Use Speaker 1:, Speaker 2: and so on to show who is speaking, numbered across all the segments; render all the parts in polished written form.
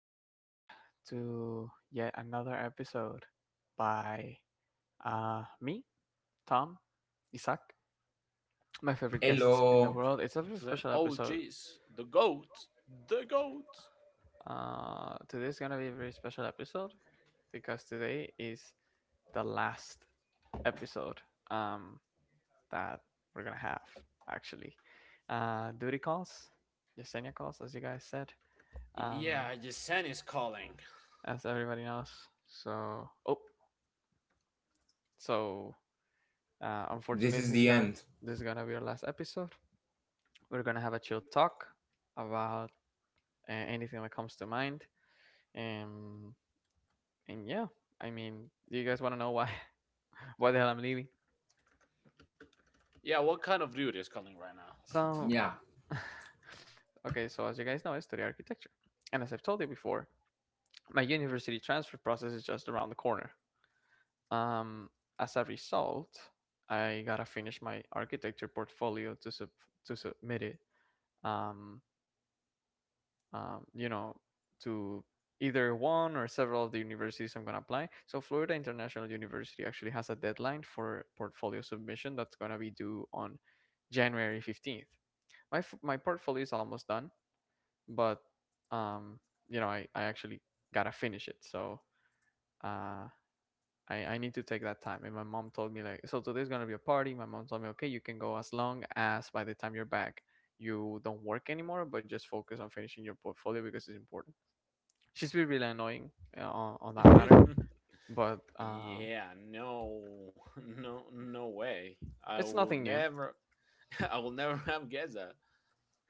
Speaker 1: and welcome back to yet another episode by me, Tom, Isaac, my favorite guests in the
Speaker 2: Hello,
Speaker 1: world. It's a very special
Speaker 3: The
Speaker 1: episode.
Speaker 3: OGs, the GOAT, the GOAT.
Speaker 1: Today's gonna be a very special episode because today is the last episode um, that we're gonna have, actually. Duty calls, Yesenia calls, as you guys said. Um,
Speaker 3: Yeah, Yesen is calling.
Speaker 1: as everybody knows. So, oh, So
Speaker 2: this
Speaker 1: unfortunately,
Speaker 2: is the end.
Speaker 1: this is gonna be our last episode. We're gonna have a chill talk about anything that comes to mind, and yeah, I mean, do you guys want to know why why the hell I'm leaving?
Speaker 3: Yeah, what kind of dude is calling right
Speaker 1: So
Speaker 2: Yeah,
Speaker 1: okay, so as you guys know, I study architecture, and as I've told you before, my university transfer process is just around the corner. Um, as a result, I gotta finish my architecture portfolio to submit it. Um, you know, to either one or several of the universities I'm going to apply. So Florida International University actually has a deadline for portfolio submission that's going to be due on January 15th. My portfolio is almost done, but, um, you know, I actually got to finish it. So, uh, I need to take that time. And my mom told me like, so today's gonna be a party. My mom told me, okay, you can go as long as by the time you're back, you don't work anymore, but just focus on finishing your portfolio because it's important. She's been really annoying on that matter,
Speaker 3: now?
Speaker 1: but
Speaker 3: yeah, No, no, no way. I
Speaker 1: it's
Speaker 3: will
Speaker 1: nothing new.
Speaker 3: never. I will never have guessed that.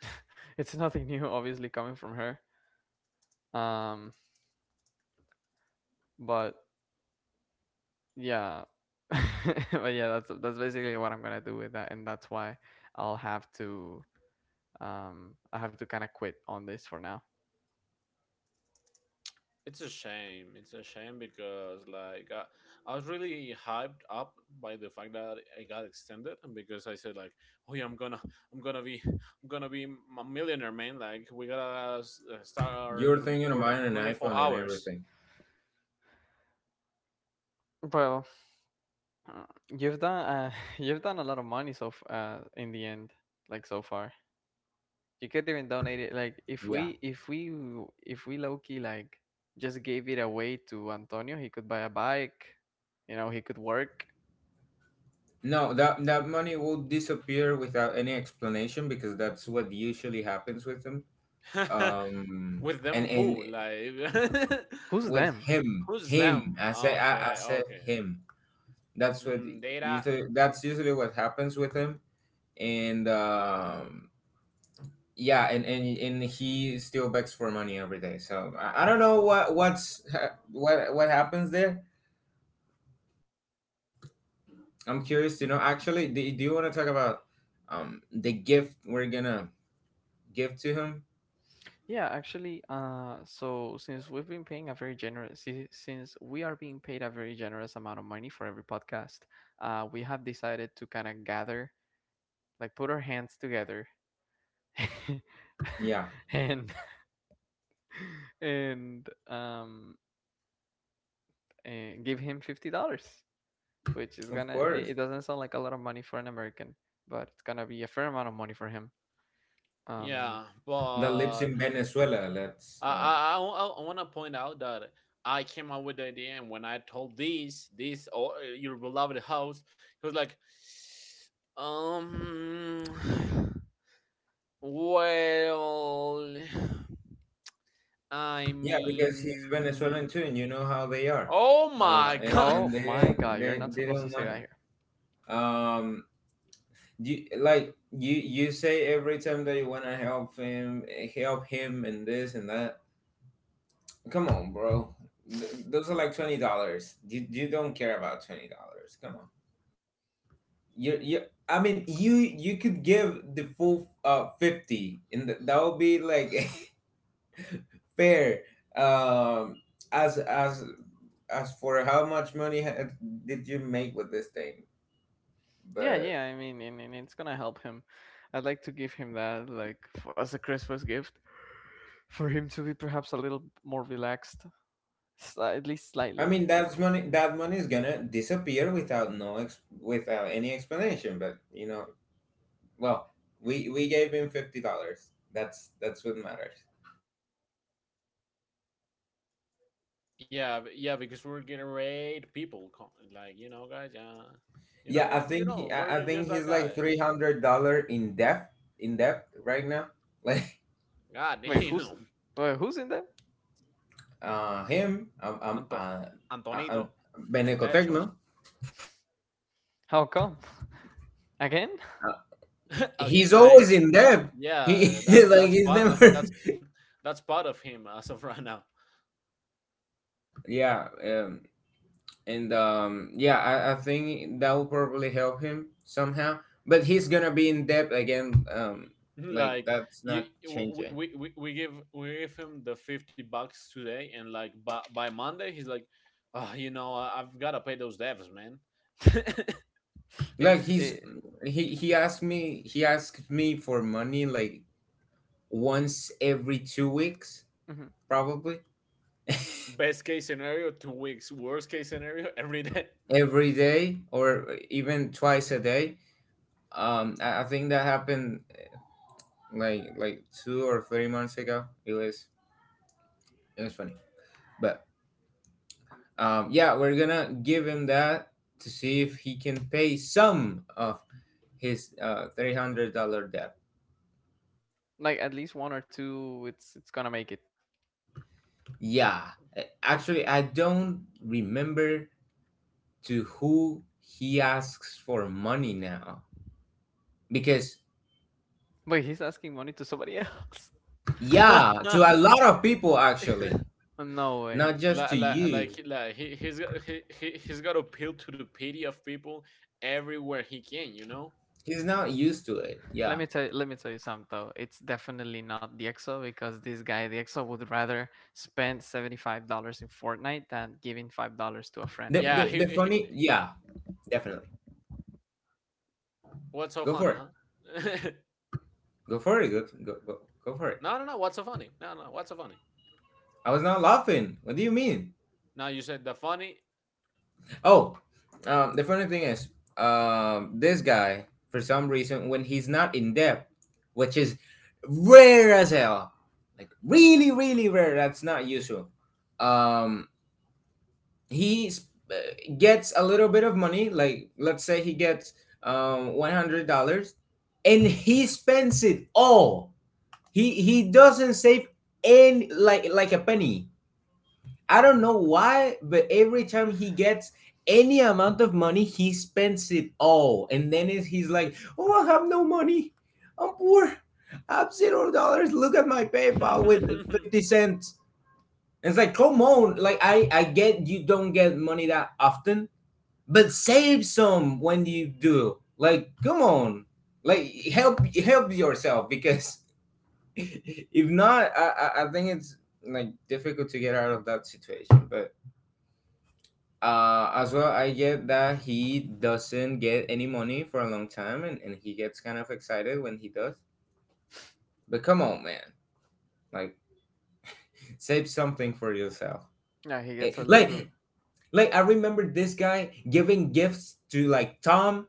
Speaker 1: It's nothing new obviously coming from her, um but yeah. But yeah, that's basically what I'm gonna do with that, and that's why I'll have to, I have to kind of quit on this for now.
Speaker 3: It's a shame. It's a shame because I was really hyped up by the fact that I got extended, and because I said like, "Oh yeah, I'm gonna be a millionaire, man!" Like we gotta start
Speaker 2: you're thinking of
Speaker 3: recording
Speaker 2: buying an
Speaker 3: 24
Speaker 2: iPhone and
Speaker 3: hours.
Speaker 2: everything.
Speaker 1: Well, uh, you've done you've done a lot of money, so in the end, like so far. You could even donate it. Like if
Speaker 2: Yeah.
Speaker 1: we low key like just gave it away to Antonio, he could buy a bike. You know, he could work.
Speaker 2: No, that money will disappear without any explanation because that's what usually happens with him. Um,
Speaker 3: With
Speaker 2: and
Speaker 3: them,
Speaker 2: and
Speaker 3: who like…
Speaker 1: Who's
Speaker 2: with
Speaker 1: them?
Speaker 2: him,
Speaker 3: Who's
Speaker 2: him.
Speaker 3: them?
Speaker 2: I said I, I
Speaker 3: Okay,
Speaker 2: said
Speaker 3: okay.
Speaker 2: him. That's what
Speaker 3: Mm, data.
Speaker 2: that's usually what happens with him. And yeah, and he still begs for money every day. So I don't know what what's what happens there. I'm curious to know. Actually, do you want to talk about the gift we're gonna give to him?
Speaker 1: Yeah, actually, so since we are being paid a very generous amount of money for every podcast, we have decided to kind of gather, like put our hands together,
Speaker 2: Yeah,
Speaker 1: and and um, and give him $50, which is
Speaker 2: of
Speaker 1: gonna
Speaker 2: course.
Speaker 1: it doesn't sound like a lot of money for an American, but it's gonna be a fair amount of money for him. Um
Speaker 3: Yeah,
Speaker 2: That lives
Speaker 3: but
Speaker 2: in Venezuela. Let's
Speaker 3: I I I I wanna point out that I came up with the idea, and when I told this this or your beloved host, he was like, um, well, I
Speaker 2: yeah, because he's
Speaker 3: mean,
Speaker 2: Venezuelan too, and you know how they are.
Speaker 3: oh
Speaker 2: Uh,
Speaker 3: my
Speaker 2: and
Speaker 3: god.
Speaker 2: and
Speaker 1: oh
Speaker 2: they
Speaker 1: my
Speaker 2: don't-
Speaker 1: god,
Speaker 2: they
Speaker 1: you're not
Speaker 2: they
Speaker 1: supposed to
Speaker 2: don't
Speaker 1: say
Speaker 2: want
Speaker 1: that here.
Speaker 2: um you, like you say every time that you want to help him and this and that. Come on, bro. Those are like $20. You don't care about $20. Come on. You I mean you could give the full 50, and that would be like fair. um as as as for how much money did you make with this thing,
Speaker 1: Yeah,
Speaker 2: but...
Speaker 1: yeah, I mean and it's gonna help him. I'd like to give him that like as a Christmas gift for him to be perhaps a little more relaxed, at least
Speaker 2: I
Speaker 1: slightly.
Speaker 2: mean, that money is gonna disappear without no ex- without any explanation, but you know. Well, we gave him $50. That's what matters.
Speaker 3: Yeah, because we're getting raid people, like you know, guys, yeah, you know
Speaker 2: Yeah, I
Speaker 3: what,
Speaker 2: think he,
Speaker 3: we're
Speaker 2: I, I
Speaker 3: just
Speaker 2: think
Speaker 3: that
Speaker 2: he's
Speaker 3: guy.
Speaker 2: like $300 in debt right now. Like...
Speaker 3: God
Speaker 1: Wait, who's
Speaker 3: damn.
Speaker 1: Wait, who's in there?
Speaker 2: him,
Speaker 3: Anto,
Speaker 2: uh, uh,
Speaker 3: Antonito, el techo.
Speaker 2: Benecotecno.
Speaker 1: How come? Again?
Speaker 3: Again,
Speaker 2: He's always
Speaker 3: like
Speaker 2: in debt. He,
Speaker 3: yeah that's
Speaker 2: like,
Speaker 3: that's
Speaker 2: he's
Speaker 3: part.
Speaker 2: never.
Speaker 3: That's that's part of him as of right now.
Speaker 2: Yeah. And Yeah, I think that will probably help him somehow. But he's gonna be in debt again. Like,
Speaker 3: Like
Speaker 2: that's
Speaker 3: you
Speaker 2: not
Speaker 3: we,
Speaker 2: changing.
Speaker 3: we, we we give we give him the 50 bucks today and like by Monday he's like, "Oh, you know, I've got to pay those devs, man."
Speaker 2: Like
Speaker 1: It's
Speaker 2: he's
Speaker 1: it,
Speaker 2: he he asked me for money, like, once every 2 weeks,
Speaker 1: mhm.
Speaker 2: probably.
Speaker 3: Best case scenario 2 weeks, worst case scenario every day.
Speaker 2: Every day, or even twice a day. I think that happened like 2 or 3 months ago. It was funny, but yeah, we're gonna give him that to see if he can pay some of his $300 debt.
Speaker 1: Like at least one or two. It's gonna make it.
Speaker 2: Yeah, actually, I don't remember to who he asks for money now, because...
Speaker 1: Wait, he's asking money to somebody else.
Speaker 2: Yeah,
Speaker 3: like
Speaker 2: to a lot of people, actually.
Speaker 1: No way.
Speaker 2: Not just to
Speaker 3: like,
Speaker 2: you.
Speaker 3: like he, he's got to appeal to the pity of people everywhere he can, you know.
Speaker 2: He's not used to it. Yeah.
Speaker 1: Let me tell you something though. It's definitely not the EXO because this guy, the EXO, would rather spend $75 in Fortnite than giving $5 to a friend
Speaker 2: The,
Speaker 1: of
Speaker 3: Yeah,
Speaker 2: the,
Speaker 1: his.
Speaker 2: the
Speaker 3: he.
Speaker 2: funny, yeah. Definitely.
Speaker 3: What's so
Speaker 2: Go
Speaker 3: funny,
Speaker 2: for it.
Speaker 3: huh?
Speaker 2: Go for it. Go, go, go, go for it.
Speaker 3: No, no, no. What's so funny? No, no. What's so funny?
Speaker 2: I was not laughing. What do you mean?
Speaker 3: Now you said the funny.
Speaker 2: Oh, the funny thing is, this guy, for some reason, when he's not in debt, which is rare as hell, like, really, really rare. That's not usual. Um, he gets a little bit of money. Like, let's say he gets $100, and he spends it all. He doesn't save any, like a penny. I don't know why, but every time he gets any amount of money, he spends it all, and then is he's like, "Oh, I have no money. I'm poor. I have $0. Look at my PayPal with 50 cents." And it's like, come on. Like, I get you don't get money that often, but save some when you do. Like, come on, like, help yourself, because if not, I think it's like difficult to get out of that situation. But as well, I get that he doesn't get any money for a long time, and he gets kind of excited when he does. But come on, man, like, save something for yourself.
Speaker 1: Yeah, he
Speaker 2: Eh,
Speaker 1: gets a
Speaker 2: like
Speaker 1: little.
Speaker 2: like I remember this guy giving gifts to, like, Tom,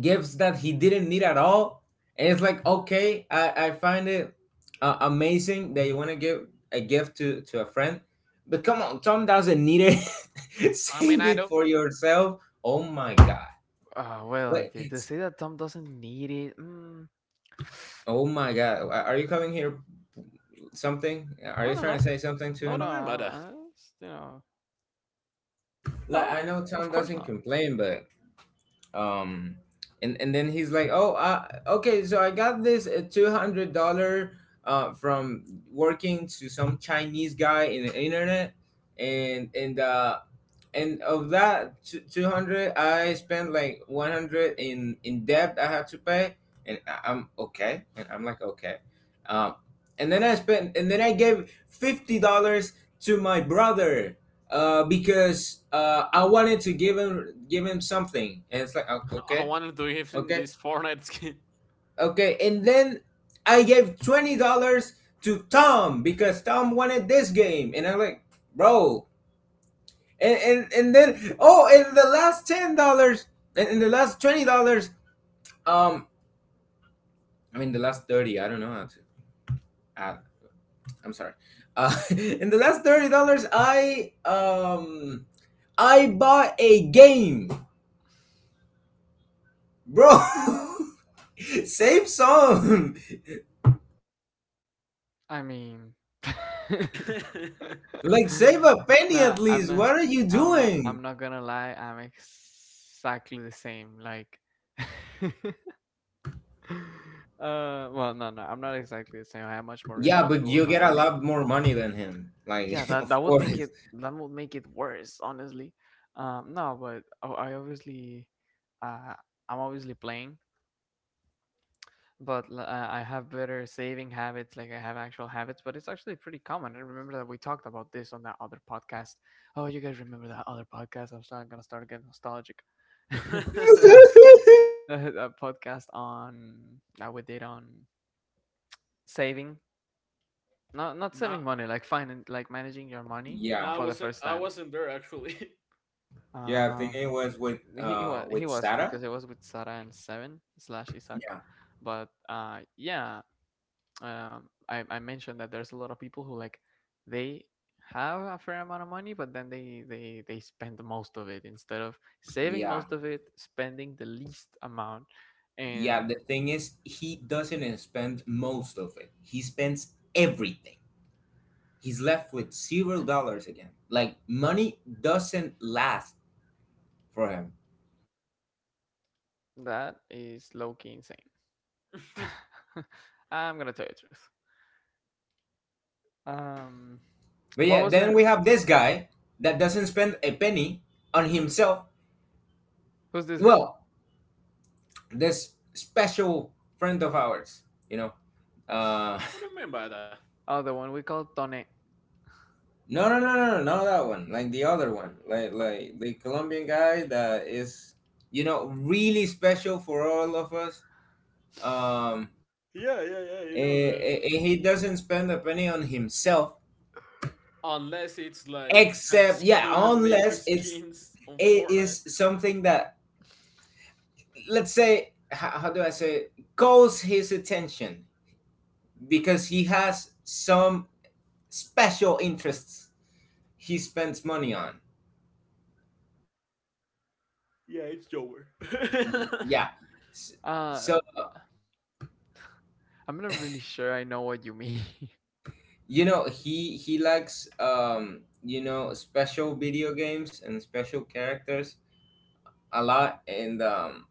Speaker 2: gifts that he didn't need at all. And it's like, okay, I find it amazing that you want to give a gift to a friend. But come on, Tom doesn't need it.
Speaker 3: I mean,
Speaker 2: Save
Speaker 3: I
Speaker 2: it
Speaker 3: don't.
Speaker 2: for yourself. Oh my God.
Speaker 1: Well,
Speaker 2: Like,
Speaker 1: to say that Tom doesn't need it. Mm,
Speaker 2: oh my God. Are you calling here something? Are
Speaker 1: no,
Speaker 2: you
Speaker 1: no,
Speaker 2: trying
Speaker 1: no,
Speaker 2: to say something to
Speaker 3: What do
Speaker 1: no.
Speaker 2: him?
Speaker 3: you mean by that?
Speaker 1: You know,
Speaker 2: Like,
Speaker 1: no.
Speaker 2: I know Tom
Speaker 1: Of course
Speaker 2: doesn't
Speaker 1: not.
Speaker 2: complain, but um and then he's like, "Oh, okay, so I got this $200 from working to some Chinese guy in the internet, and and uh, and of that 200 I spent like 100 in debt I had to pay, and I'm okay, and I'm like, okay. um and then I gave $50 to my brother because I wanted to give him something, and it's like, oh,
Speaker 3: I
Speaker 2: okay.
Speaker 3: wanted to give him
Speaker 2: Okay,
Speaker 3: this Fortnite skin.
Speaker 2: okay, and then I gave $20 to Tom, because Tom wanted this game, and I'm like, bro. And and, and then, oh, and the last $10, and the last $20. um I mean the last 30. I don't know how to add. I'm sorry. In the last $30, I I bought a game, bro. Save some."
Speaker 1: I mean,
Speaker 2: Like, save a penny
Speaker 1: nah,
Speaker 2: at least. What are you doing?
Speaker 1: I'm not gonna lie. I'm exactly the same. Like. Well, no, no, I'm not exactly the same. I am much more
Speaker 2: Yeah, but
Speaker 1: responsible with
Speaker 2: you
Speaker 1: my
Speaker 2: get a
Speaker 1: money.
Speaker 2: lot more money than him, like.
Speaker 1: Yeah, that
Speaker 2: Of course.
Speaker 1: that would make it worse, honestly. No, but I obviously, uh, I'm obviously playing, but I have better saving habits. Like I have actual habits, but it's actually pretty common. I remember that we talked about this on that other podcast. Oh, you guys remember that other podcast? I'm starting gonna start getting nostalgic. That podcast on that we did on saving. Not not
Speaker 3: Nah,
Speaker 1: saving money, like finding like managing your money
Speaker 2: Yeah,
Speaker 3: nah.
Speaker 1: for the first
Speaker 3: I
Speaker 1: time.
Speaker 3: wasn't there actually.
Speaker 2: yeah. I think
Speaker 1: Um,
Speaker 2: it was with
Speaker 1: he
Speaker 2: uh
Speaker 1: was he
Speaker 2: with
Speaker 1: wasn't,
Speaker 2: Sarah.
Speaker 1: because it was with Sarah and Seven slash Isaac,
Speaker 2: Yeah.
Speaker 1: but yeah, I mentioned that there's a lot of people who like they have a fair amount of money, but then they spend most of it instead of saving
Speaker 2: Yeah.
Speaker 1: most of it, spending the least amount,
Speaker 2: Yeah,
Speaker 1: and
Speaker 2: the thing is, he doesn't spend most of it. He spends everything. He's left with $0 again. Like, money doesn't last for him.
Speaker 1: that is low key insane.
Speaker 3: What
Speaker 1: I'm gonna tell you the truth. Um,
Speaker 2: But
Speaker 1: what
Speaker 2: yeah,
Speaker 1: was
Speaker 2: then
Speaker 1: your—
Speaker 2: we have this guy that doesn't spend a penny on himself.
Speaker 1: Who's this guy?
Speaker 2: Well, this special friend of ours, you know. Uh,
Speaker 3: do you mean by that?
Speaker 1: Oh, the one we call Tone.
Speaker 2: no, no, no, no, no, not that one. Like the other one, like the Colombian guy that is, you know, really special for all of us. Um,
Speaker 3: Yeah, yeah, yeah. You know the.
Speaker 2: he doesn't spend a penny on himself,
Speaker 3: Unless it's like
Speaker 2: except, yeah,
Speaker 3: Hatsune Maker
Speaker 2: unless it's
Speaker 3: skins on
Speaker 2: it is
Speaker 3: Fortnite.
Speaker 2: something that, let's say, how do I say it? — calls his attention, because he has some special interests he spends money on.
Speaker 3: Yeah, it's Joker.
Speaker 2: Y- Yeah, S-
Speaker 1: Oh.
Speaker 2: so
Speaker 1: I'm not really sure I know what you mean.
Speaker 2: you know he likes, special video games and special characters a lot. and um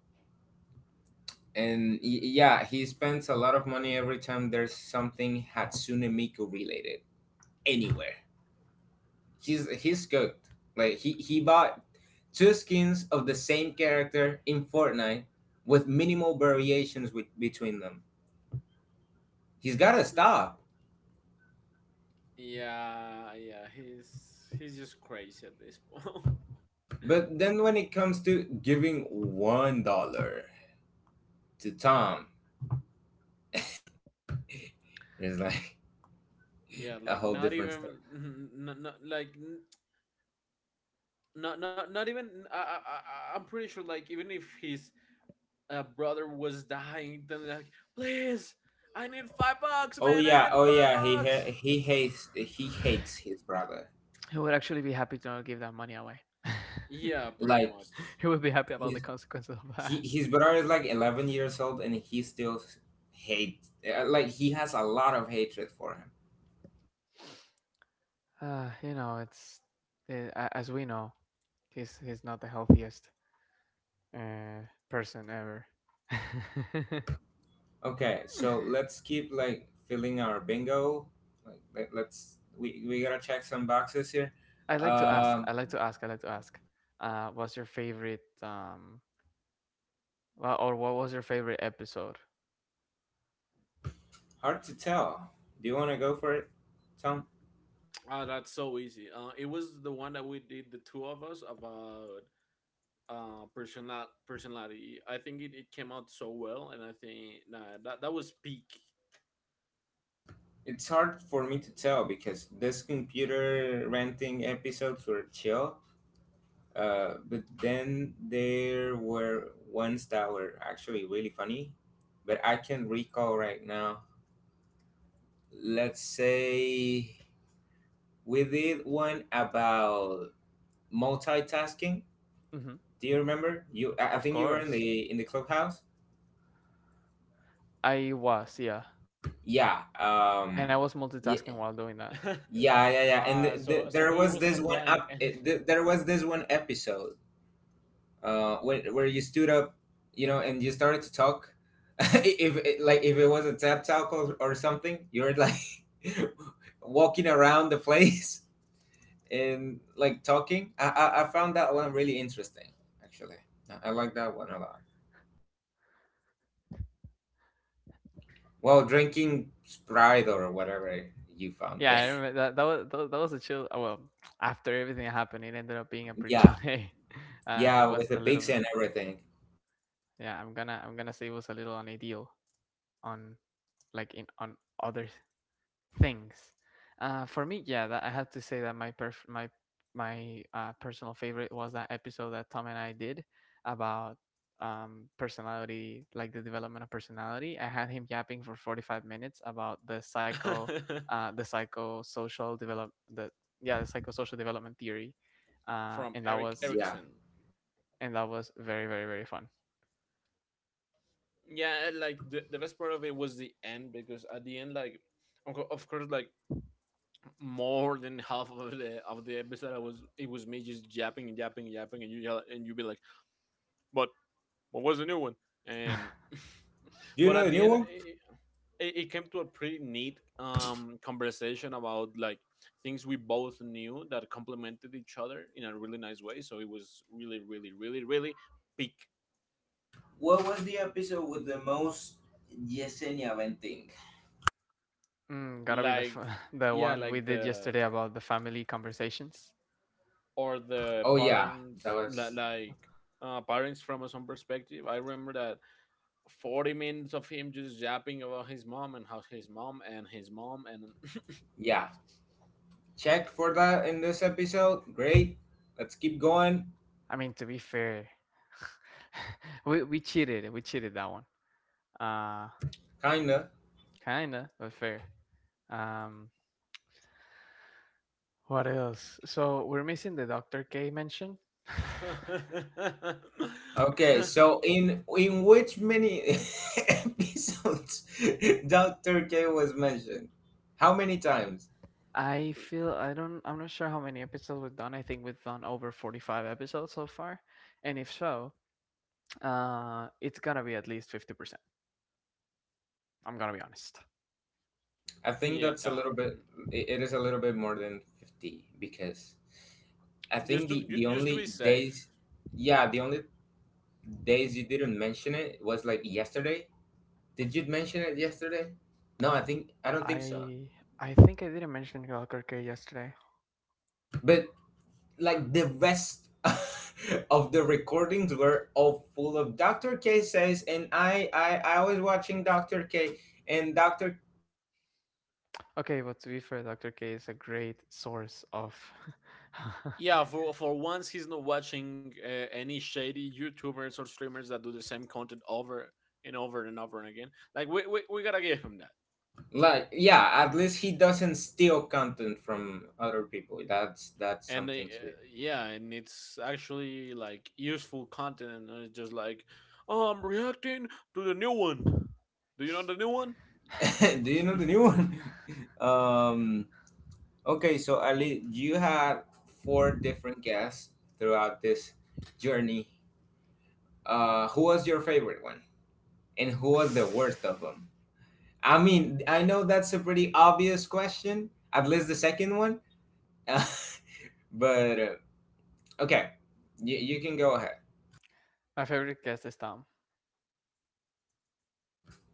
Speaker 2: and y- yeah, he spends a lot of money every time there's something Hatsune Miku related anywhere. He's good. Like, he bought two skins of the same character in Fortnite with minimal variations, between them. He's gotta stop.
Speaker 3: Yeah, yeah. He's just crazy at this point.
Speaker 2: But then when it comes to giving $1 to Tom, it's like
Speaker 3: Yeah,
Speaker 2: a
Speaker 3: like
Speaker 2: whole
Speaker 3: not
Speaker 2: different story.
Speaker 3: even. Not, not like not not not even. I'm pretty sure like even if his brother was dying, then like please, I need $5,
Speaker 2: Oh
Speaker 3: man. I
Speaker 2: yeah,
Speaker 3: need
Speaker 2: oh
Speaker 3: five
Speaker 2: yeah, he ha-
Speaker 3: bucks.
Speaker 2: he hates he hates his brother.
Speaker 1: He would actually be happy to not give that money away.
Speaker 3: Yeah, pretty
Speaker 2: Like,
Speaker 3: much.
Speaker 1: He would be happy about the
Speaker 2: he's...
Speaker 1: consequences of that.
Speaker 2: he his brother is like 11 years old, and he still hate, like, he has a lot of hatred for him.
Speaker 1: You know, it's eh, as we know, he's not the healthiest uh, person ever.
Speaker 2: Okay, so let's keep, like, filling our bingo. Like, we gotta check some boxes here. um
Speaker 1: I'd like to ask. What's your favorite well, or what was your favorite episode?
Speaker 2: Hard to tell. Do you want to go for it, Tom?
Speaker 3: Ah, that's so easy. It was the one that we did the two of us about personality. I think it, it came out so well, and I think nah, that was peak.
Speaker 2: It's hard for me to tell because this computer renting episodes were chill. But then there were ones that were actually really funny, but I can recall right now. Let's say we did one about multitasking.
Speaker 1: Mm-hmm.
Speaker 2: Do you remember? I
Speaker 1: Of
Speaker 2: think you were in
Speaker 1: course,
Speaker 2: the clubhouse.
Speaker 1: I was. Yeah,
Speaker 2: Yeah.
Speaker 1: and I was multitasking
Speaker 2: Yeah.
Speaker 1: while doing that.
Speaker 2: Yeah. Yeah. Yeah. And
Speaker 3: Ah, so so
Speaker 2: there
Speaker 3: he
Speaker 2: was
Speaker 3: wasn't
Speaker 2: this one
Speaker 3: applying
Speaker 2: up.
Speaker 3: and.
Speaker 2: There was this one episode where you stood up, you know, and you started to talk. if it, Like, if it was a tap talk, or something, you're like walking around the place and, like, talking. I found that one really interesting. Actually, I like that one a lot. Well, drinking Sprite or whatever you found
Speaker 1: Yeah, I
Speaker 2: there.
Speaker 1: remember that that was a chill. Well, after everything happened, it ended up being a pretty chill
Speaker 2: Yeah,
Speaker 1: day. It
Speaker 2: yeah. With
Speaker 1: was
Speaker 2: the
Speaker 1: a little
Speaker 2: pigs
Speaker 1: bit.
Speaker 2: and everything.
Speaker 1: Yeah, I'm gonna say it was a little on ideal on like in on other things. For me, yeah, that, I have to say that my perf- my personal favorite was that episode that Tom and I did about personality, like the development of personality. I had him yapping for 45 minutes about the psychosocial develop the yeah the psychosocial development theory,
Speaker 3: From
Speaker 1: and that
Speaker 3: Eric
Speaker 1: was—
Speaker 2: Yeah.
Speaker 3: Erickson.
Speaker 1: very very very fun.
Speaker 3: Yeah, like the best part of it was the end because at the end, like of of course, like more than half of the episode, I was it was me just yapping and yapping and yapping, and you yell, and you be like, "But what was the new one?" And
Speaker 2: Do you
Speaker 3: but at
Speaker 2: know the
Speaker 3: the
Speaker 2: new
Speaker 3: end,
Speaker 2: one?
Speaker 3: it, it came to a pretty neat conversation about like things we both knew that complemented each other in a really nice way. So it was really, really, really, really peak.
Speaker 2: What was the episode with the most Yesenia venting?
Speaker 1: Mm, gotta be
Speaker 3: Like
Speaker 1: the
Speaker 3: yeah
Speaker 1: one we
Speaker 3: like
Speaker 1: did
Speaker 3: the
Speaker 1: yesterday about the family conversations.
Speaker 3: Or the
Speaker 2: Oh yeah, that
Speaker 3: parents,
Speaker 2: was...
Speaker 3: like parents from a some perspective. I remember that 40 minutes of him just yapping about his mom and how his mom and his mom and…
Speaker 2: Yeah, checked for that in this episode. Great. Let's keep going.
Speaker 1: I mean, to be fair, we cheated. We cheated that one. Uh,
Speaker 2: Kinda.
Speaker 1: kinda, but fair. Um, what else? So we're missing the Doctor K mention.
Speaker 2: Okay, so in which many episodes Dr. K was mentioned? How many times?
Speaker 1: I feel I don't. I'm not sure how many episodes we've done. I think we've done over 45 episodes so far, and if so, it's gonna be at least 50%. I'm gonna be honest.
Speaker 2: I think that's a
Speaker 3: Yeah,
Speaker 2: little bit — it is a little bit more than 50, because I
Speaker 3: just
Speaker 2: think
Speaker 3: to
Speaker 2: the the
Speaker 3: just to be
Speaker 2: only
Speaker 3: safe.
Speaker 2: days — yeah, the only days you didn't mention it was, like, yesterday. Did you mention it yesterday? No, I don't think so.
Speaker 1: I I think I didn't mention Doctor K yesterday.
Speaker 2: But, like, the rest of the recordings were all full of "Dr. K says," and I was watching Dr. K, and Dr.
Speaker 1: Okay, but to be fair, Doctor K is a great source of—
Speaker 3: Yeah, for once he's not watching any shady YouTubers or streamers that do the same content over and over and over and again. Like we gotta give him that.
Speaker 2: Like, yeah, at least he doesn't steal content from other people. That's
Speaker 3: And
Speaker 2: something
Speaker 3: yeah, and it's actually like useful content, and it's just like, oh, I'm reacting to the new one. Do you know the new one?
Speaker 2: to. Do you know the new one? um. Okay, so Ali, you had four different guests throughout this journey. Who was your favorite one, and who was the worst of them? I mean, I know that's a pretty obvious question, at least the second one. But okay, you can go ahead.
Speaker 1: My favorite guest is Tom.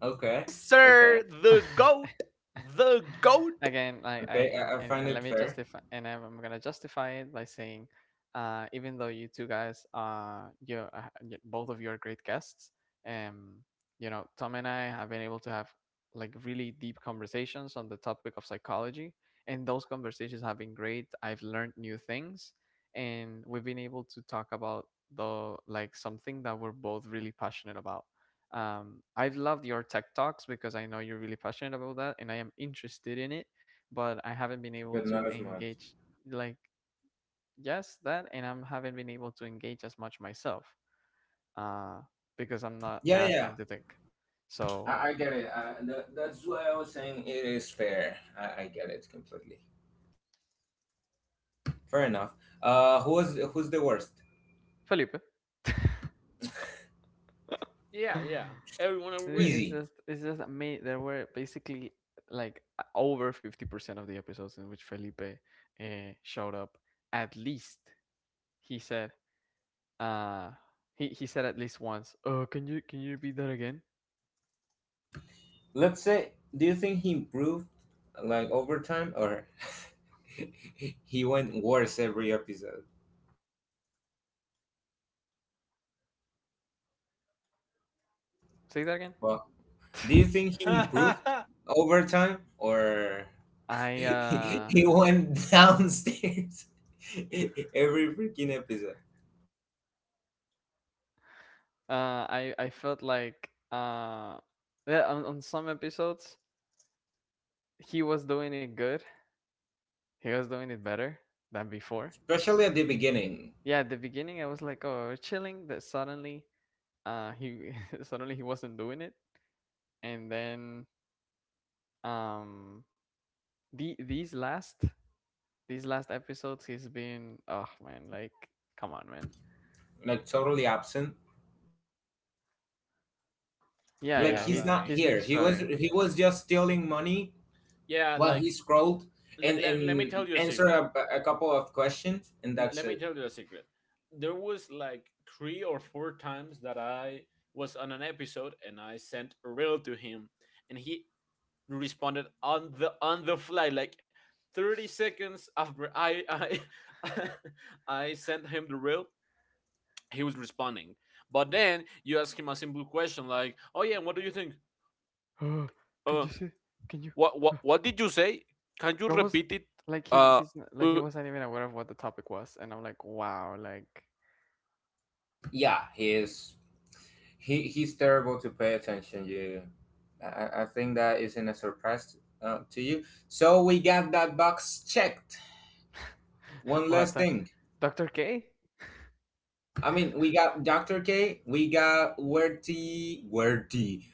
Speaker 2: Okay, okay,
Speaker 3: Sir, the goat, the goat.
Speaker 1: Again,
Speaker 2: okay. I find
Speaker 1: and let
Speaker 2: it
Speaker 1: me
Speaker 2: fair,
Speaker 1: justify, and I'm gonna justify it by saying, even though you two guys both of you are great guests, um, you know, Tom and I have been able to have like really deep conversations on the topic of psychology, and those conversations have been great. I've learned new things, and we've been able to talk about the like something that we're both really passionate about. I've loved your tech talks because I know you're really passionate about that and I am interested in it, but I haven't been able
Speaker 2: but
Speaker 1: to
Speaker 2: not as much.
Speaker 1: engage like— yes, that, and I haven't been able to engage as much myself, uh, because I'm not
Speaker 2: Yeah,
Speaker 1: as
Speaker 2: yeah,
Speaker 1: into tech.
Speaker 2: I,
Speaker 1: So,
Speaker 2: I get it. That's why I was saying it is fair. I get it completely. Fair enough. Who's the worst?
Speaker 1: Felipe.
Speaker 3: Yeah, yeah. Everyone agrees.
Speaker 1: It's
Speaker 2: Easy.
Speaker 1: just me. There were basically like over 50% of the episodes in which Felipe showed up. At least he said— Uh, he said at least once, oh, can you repeat that again?
Speaker 2: Let's say, do you think he improved like over time, or he went worse every episode?
Speaker 1: Say that again.
Speaker 2: Well. Do you think he improved over time, or
Speaker 1: I uh
Speaker 2: he went downstairs every freaking episode?
Speaker 1: I felt like, yeah, on some episodes he was doing it good. He was doing it better than before.
Speaker 2: Especially at the beginning,
Speaker 1: Yeah, at the beginning I was like, oh, we're chilling. That suddenly he suddenly he wasn't doing it, and then um these last episodes he's been— oh man, like come on man.
Speaker 2: like totally absent.
Speaker 1: Yeah,
Speaker 2: Like
Speaker 1: yeah,
Speaker 3: Yeah,
Speaker 2: he's
Speaker 1: he's
Speaker 2: not
Speaker 3: like
Speaker 1: been
Speaker 2: here. He was
Speaker 1: struggling.
Speaker 2: just stealing money
Speaker 3: yeah,
Speaker 2: while he
Speaker 3: like
Speaker 2: scrolled and
Speaker 3: let me
Speaker 2: and
Speaker 3: tell you a
Speaker 2: answer
Speaker 3: secret.
Speaker 2: a couple of questions and that's
Speaker 3: Let me
Speaker 2: it.
Speaker 3: tell you a secret. There was like three or four times that I was on an episode and I sent a reel to him, and he responded on the fly, like 30 seconds after I I sent him the reel. He was responding, but then you ask him a simple question like, "Oh yeah, what do you think?
Speaker 1: Oh, can
Speaker 3: Uh,
Speaker 1: you see? Can you?
Speaker 3: what
Speaker 1: uh,
Speaker 3: did you say? Can you
Speaker 1: What was?
Speaker 3: repeat it?"
Speaker 1: Like
Speaker 3: Uh, uh
Speaker 1: he wasn't even aware of what the topic was, and I'm like, wow, like—
Speaker 2: Yeah, he is he's terrible to pay attention. You, I think that isn't a surprise to you. So we got that box checked. One
Speaker 1: what?
Speaker 2: last thing.
Speaker 1: Dr. K?
Speaker 2: I mean, we got Dr. K, we got Werty, Werty,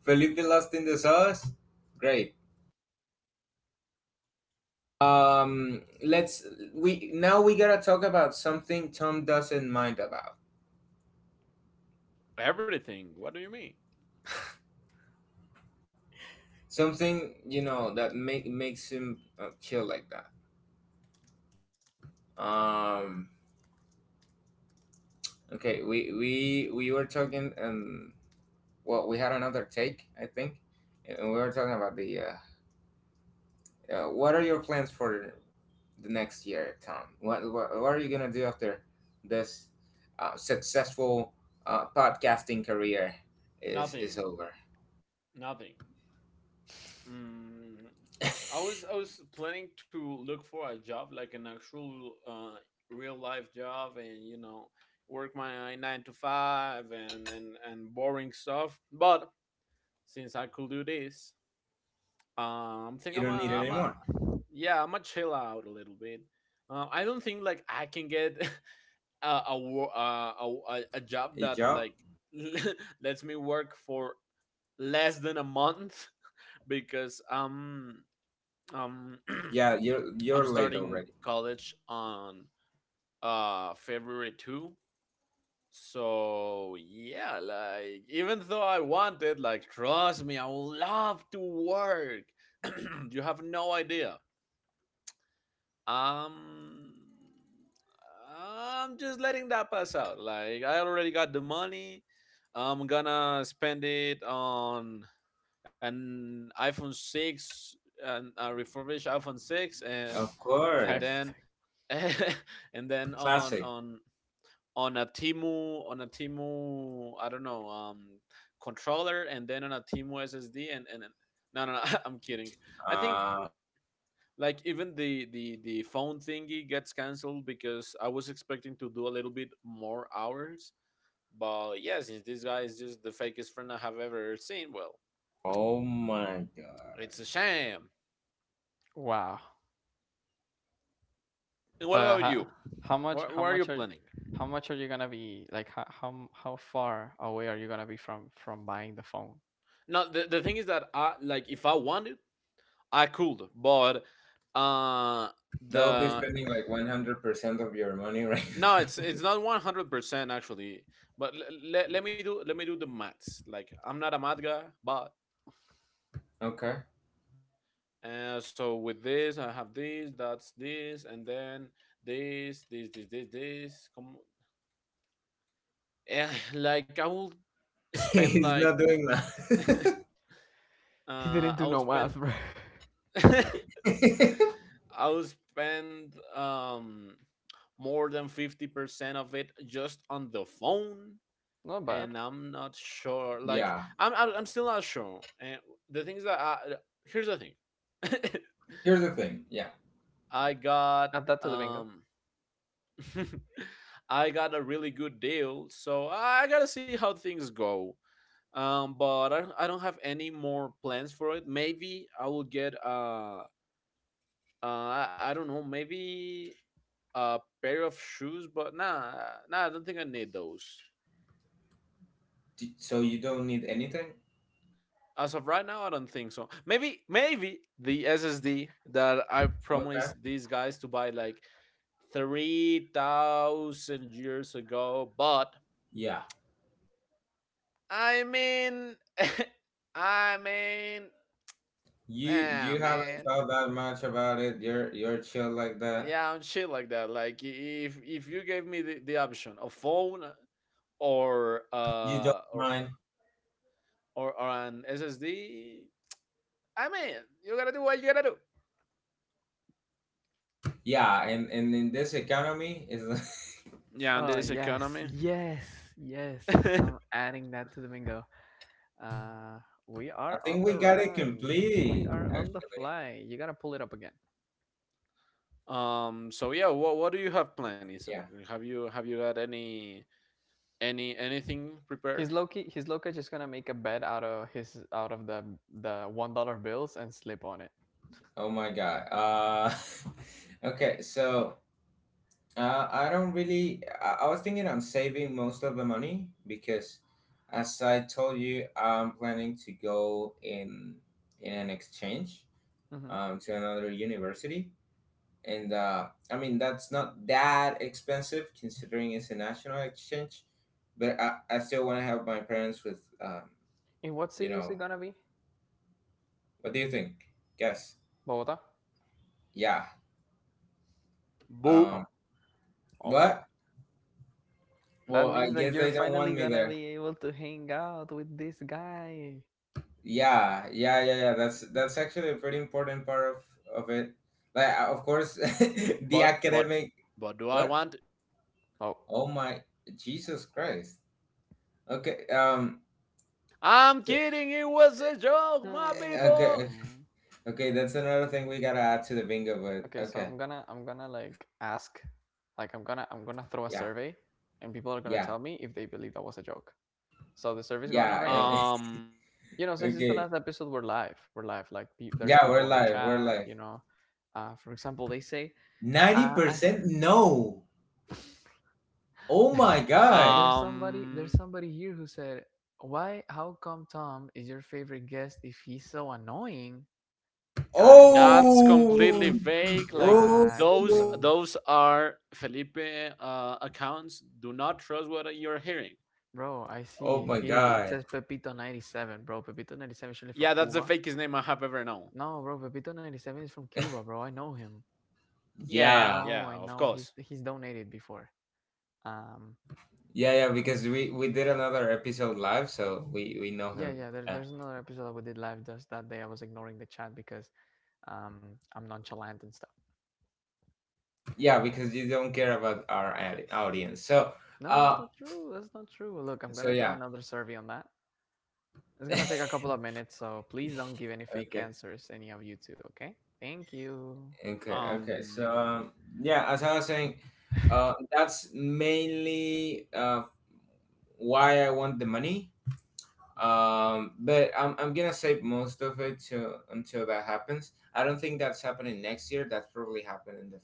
Speaker 2: Felipe lost in the sauce. Great. Let's we now we gotta talk about something Tom doesn't mind about.
Speaker 3: Everything. What do you mean?
Speaker 2: Something, you know, that makes him chill like that. Um, okay, we were talking and, well, we had another take, I think, and we were talking about the what are your plans for the next year, Tom? What are you gonna do after this successful podcasting career
Speaker 3: Nothing.
Speaker 2: is over?
Speaker 3: Nothing. Mm, I was planning to look for a job, like an actual real life job, and you know, work my nine to five and and boring stuff. But since I could do this, I think
Speaker 2: You don't need it
Speaker 3: I'm a
Speaker 2: anymore.
Speaker 3: yeah, I'm a chill out a little bit. I don't think like I can get a a job
Speaker 2: A
Speaker 3: that
Speaker 2: job?
Speaker 3: like lets me work for less than a month because um,
Speaker 2: Yeah, you're
Speaker 3: I'm
Speaker 2: late
Speaker 3: starting
Speaker 2: already.
Speaker 3: college on February 2nd. So yeah, like even though I wanted, like trust me, I would love to work. You have no idea. Um I'm just letting that pass out. Like I already got the money. I'm gonna spend it on an iPhone 6 and a refurbished iPhone 6,
Speaker 2: Of
Speaker 3: and
Speaker 1: I was
Speaker 2: course,
Speaker 3: then and then on
Speaker 2: classic.
Speaker 3: on a Timu, I don't know, controller, and then on a Timu SSD and no no no. I'm kidding. I think
Speaker 2: Uh,
Speaker 3: like even the phone thingy gets canceled because I was expecting to do a little bit more hours. But yeah, since this guy is just the fakest friend I have ever seen, well,
Speaker 2: oh my god,
Speaker 3: it's a shame.
Speaker 1: like, wow.
Speaker 3: And what
Speaker 1: But
Speaker 3: about you?
Speaker 1: how much?
Speaker 3: What
Speaker 1: How
Speaker 3: are you
Speaker 1: much are?
Speaker 3: planning?
Speaker 1: How much are you gonna be like? How far away are you gonna be from buying the phone?
Speaker 3: No, the thing is that I like if I wanted, I could, but uh
Speaker 2: that would be
Speaker 3: the
Speaker 2: spending like 100% of your money right
Speaker 3: no,
Speaker 2: now.
Speaker 3: it's not 100% actually. But let let me do the maths. Like I'm not a math guy, but
Speaker 2: Okay,
Speaker 3: so with this I have this, that's this, and then this. Come, eh, like I will spend
Speaker 2: he's
Speaker 3: like…
Speaker 2: not doing
Speaker 3: uh
Speaker 2: that.
Speaker 1: He didn't
Speaker 3: I
Speaker 1: do
Speaker 3: will
Speaker 1: no math,
Speaker 3: spend
Speaker 1: bro.
Speaker 3: I will spend more than 50% of it just on the phone,
Speaker 1: Not bad.
Speaker 3: and I'm not sure. Like
Speaker 2: Yeah,
Speaker 3: I'm still not sure. And the things that I here's the thing.
Speaker 2: here's the thing. Yeah,
Speaker 3: I got
Speaker 1: Add that to the bingo.
Speaker 3: um. I got a really good deal, so I gotta see how things go. But I don't have any more plans for it. Maybe I will get I don't know, maybe a pair of shoes, but nah, nah, I don't think I need those.
Speaker 2: D- so you don't need anything?
Speaker 3: As of right now, I don't think so. Maybe maybe the SSD that I
Speaker 2: Okay.
Speaker 3: promised these guys to buy like 3,000 years ago, but
Speaker 2: Yeah.
Speaker 3: I mean, I mean,
Speaker 2: You
Speaker 3: ah
Speaker 2: haven't
Speaker 3: man,
Speaker 2: thought that much about it. You're chill like that.
Speaker 3: yeah, and shit like that. Like if you gave me the option, a phone or
Speaker 2: You don't mind.
Speaker 3: or an SSD, I mean, you gotta do what you gotta do.
Speaker 2: Yeah, and in this economy is
Speaker 3: Yeah, in this
Speaker 1: Yes,
Speaker 3: economy.
Speaker 1: yes. I'm adding that to the bingo. Uh, we
Speaker 2: I
Speaker 1: are on
Speaker 2: think
Speaker 1: the
Speaker 2: we got it
Speaker 1: run. We
Speaker 2: completed,
Speaker 1: are on the
Speaker 2: actually.
Speaker 1: fly. You gotta pull it up again.
Speaker 3: Um. So yeah, what do you have planned, Isaac?
Speaker 2: Yeah.
Speaker 3: Have you got any anything prepared?
Speaker 1: His Loki just gonna make a bed out of his out of the $1 bills and sleep on it.
Speaker 2: Oh my god. Okay, so I don't really, I was thinking on saving most of the money because, as I told you, I'm planning to go in an exchange
Speaker 1: Hmm.
Speaker 2: to another university. And I mean, that's not that expensive considering it's a national exchange, but I still want to help my parents with,
Speaker 1: In what
Speaker 2: you
Speaker 1: city is it
Speaker 2: know,
Speaker 1: gonna be?
Speaker 2: what do you think? Guess.
Speaker 1: Bogota.
Speaker 2: Yeah.
Speaker 3: Boo.
Speaker 1: Huh.
Speaker 2: Um,
Speaker 1: Oh my god.
Speaker 2: what?
Speaker 1: That
Speaker 2: Well, I
Speaker 1: means that
Speaker 2: guess
Speaker 1: you're
Speaker 2: they don't
Speaker 1: finally
Speaker 2: want me
Speaker 1: gonna
Speaker 2: there.
Speaker 1: be able to hang out with this guy.
Speaker 2: Yeah, yeah, yeah, yeah. That's actually a pretty important part of it. Like, of course, the
Speaker 3: But
Speaker 2: academic.
Speaker 3: but do I
Speaker 2: What?
Speaker 3: want?
Speaker 1: Oh.
Speaker 2: Oh my, Jesus Christ. Okay.
Speaker 3: I'm kidding. It was a joke, my people.
Speaker 2: Okay.
Speaker 1: Hmm.
Speaker 2: Okay, that's another thing we gotta add to the bingo,
Speaker 1: Okay,
Speaker 2: but
Speaker 1: so
Speaker 2: okay.
Speaker 1: I'm gonna like ask, like I'm gonna throw a
Speaker 2: Yeah,
Speaker 1: survey, and people are gonna
Speaker 2: yeah,
Speaker 1: tell me if they believe that was a joke. So the survey's going on
Speaker 2: yeah.
Speaker 1: right now.
Speaker 3: Um.
Speaker 1: You know, since it's the
Speaker 2: Okay.
Speaker 1: last episode, we're live. We're live. Like there's
Speaker 2: Yeah,
Speaker 1: people
Speaker 2: we're
Speaker 1: on the
Speaker 2: live, we're
Speaker 1: chat.
Speaker 2: live.
Speaker 1: You know, for example, they say, uh, I,
Speaker 2: 90% no. Oh
Speaker 1: there's,
Speaker 2: my god.
Speaker 3: Um.
Speaker 1: there's somebody here who said, why? How come Tom is your favorite guest if he's so annoying? Guys,
Speaker 3: That's completely
Speaker 2: Oh,
Speaker 3: fake. Like
Speaker 2: oh,
Speaker 1: guys, please,
Speaker 3: those are Felipe accounts. Do not trust what you're hearing.
Speaker 1: bro. I see
Speaker 2: oh
Speaker 1: it
Speaker 2: my
Speaker 1: here. It
Speaker 2: god.
Speaker 1: says Pepito 97, bro. Pepito 97 is surely from
Speaker 3: Yeah, that's the
Speaker 1: Cuba.
Speaker 3: fakest name I have ever known.
Speaker 1: No, bro. Pepito 97 is from Cuba, bro. I know him.
Speaker 3: Yeah,
Speaker 1: I
Speaker 3: yeah,
Speaker 2: Yeah,
Speaker 1: know,
Speaker 3: yeah.
Speaker 1: I
Speaker 3: Of
Speaker 1: know. He's
Speaker 3: course.
Speaker 1: he's donated before. Um,
Speaker 2: yeah, yeah, because we did another episode live, so we know
Speaker 1: Yeah,
Speaker 2: him.
Speaker 1: yeah.
Speaker 2: Yeah.
Speaker 1: There's another episode that we did live just that day. I was ignoring the chat because I'm nonchalant and stuff.
Speaker 2: Yeah, because you don't care about our audi- audience. So,
Speaker 1: No, it's
Speaker 2: uh,
Speaker 1: not true. That's not true. Look, I'm
Speaker 2: so
Speaker 1: gonna throw
Speaker 2: yeah.
Speaker 1: another survey on that. It's gonna take a couple of minutes, so please don't give any fake
Speaker 2: Okay.
Speaker 1: answers, any of you two. Okay? Thank you.
Speaker 2: Okay, okay.
Speaker 3: Um.
Speaker 2: So, yeah, as I was saying, that's mainly why I want the money. But I'm gonna save most of it to until that happens. I don't think that's happening next year. That's probably happening in the,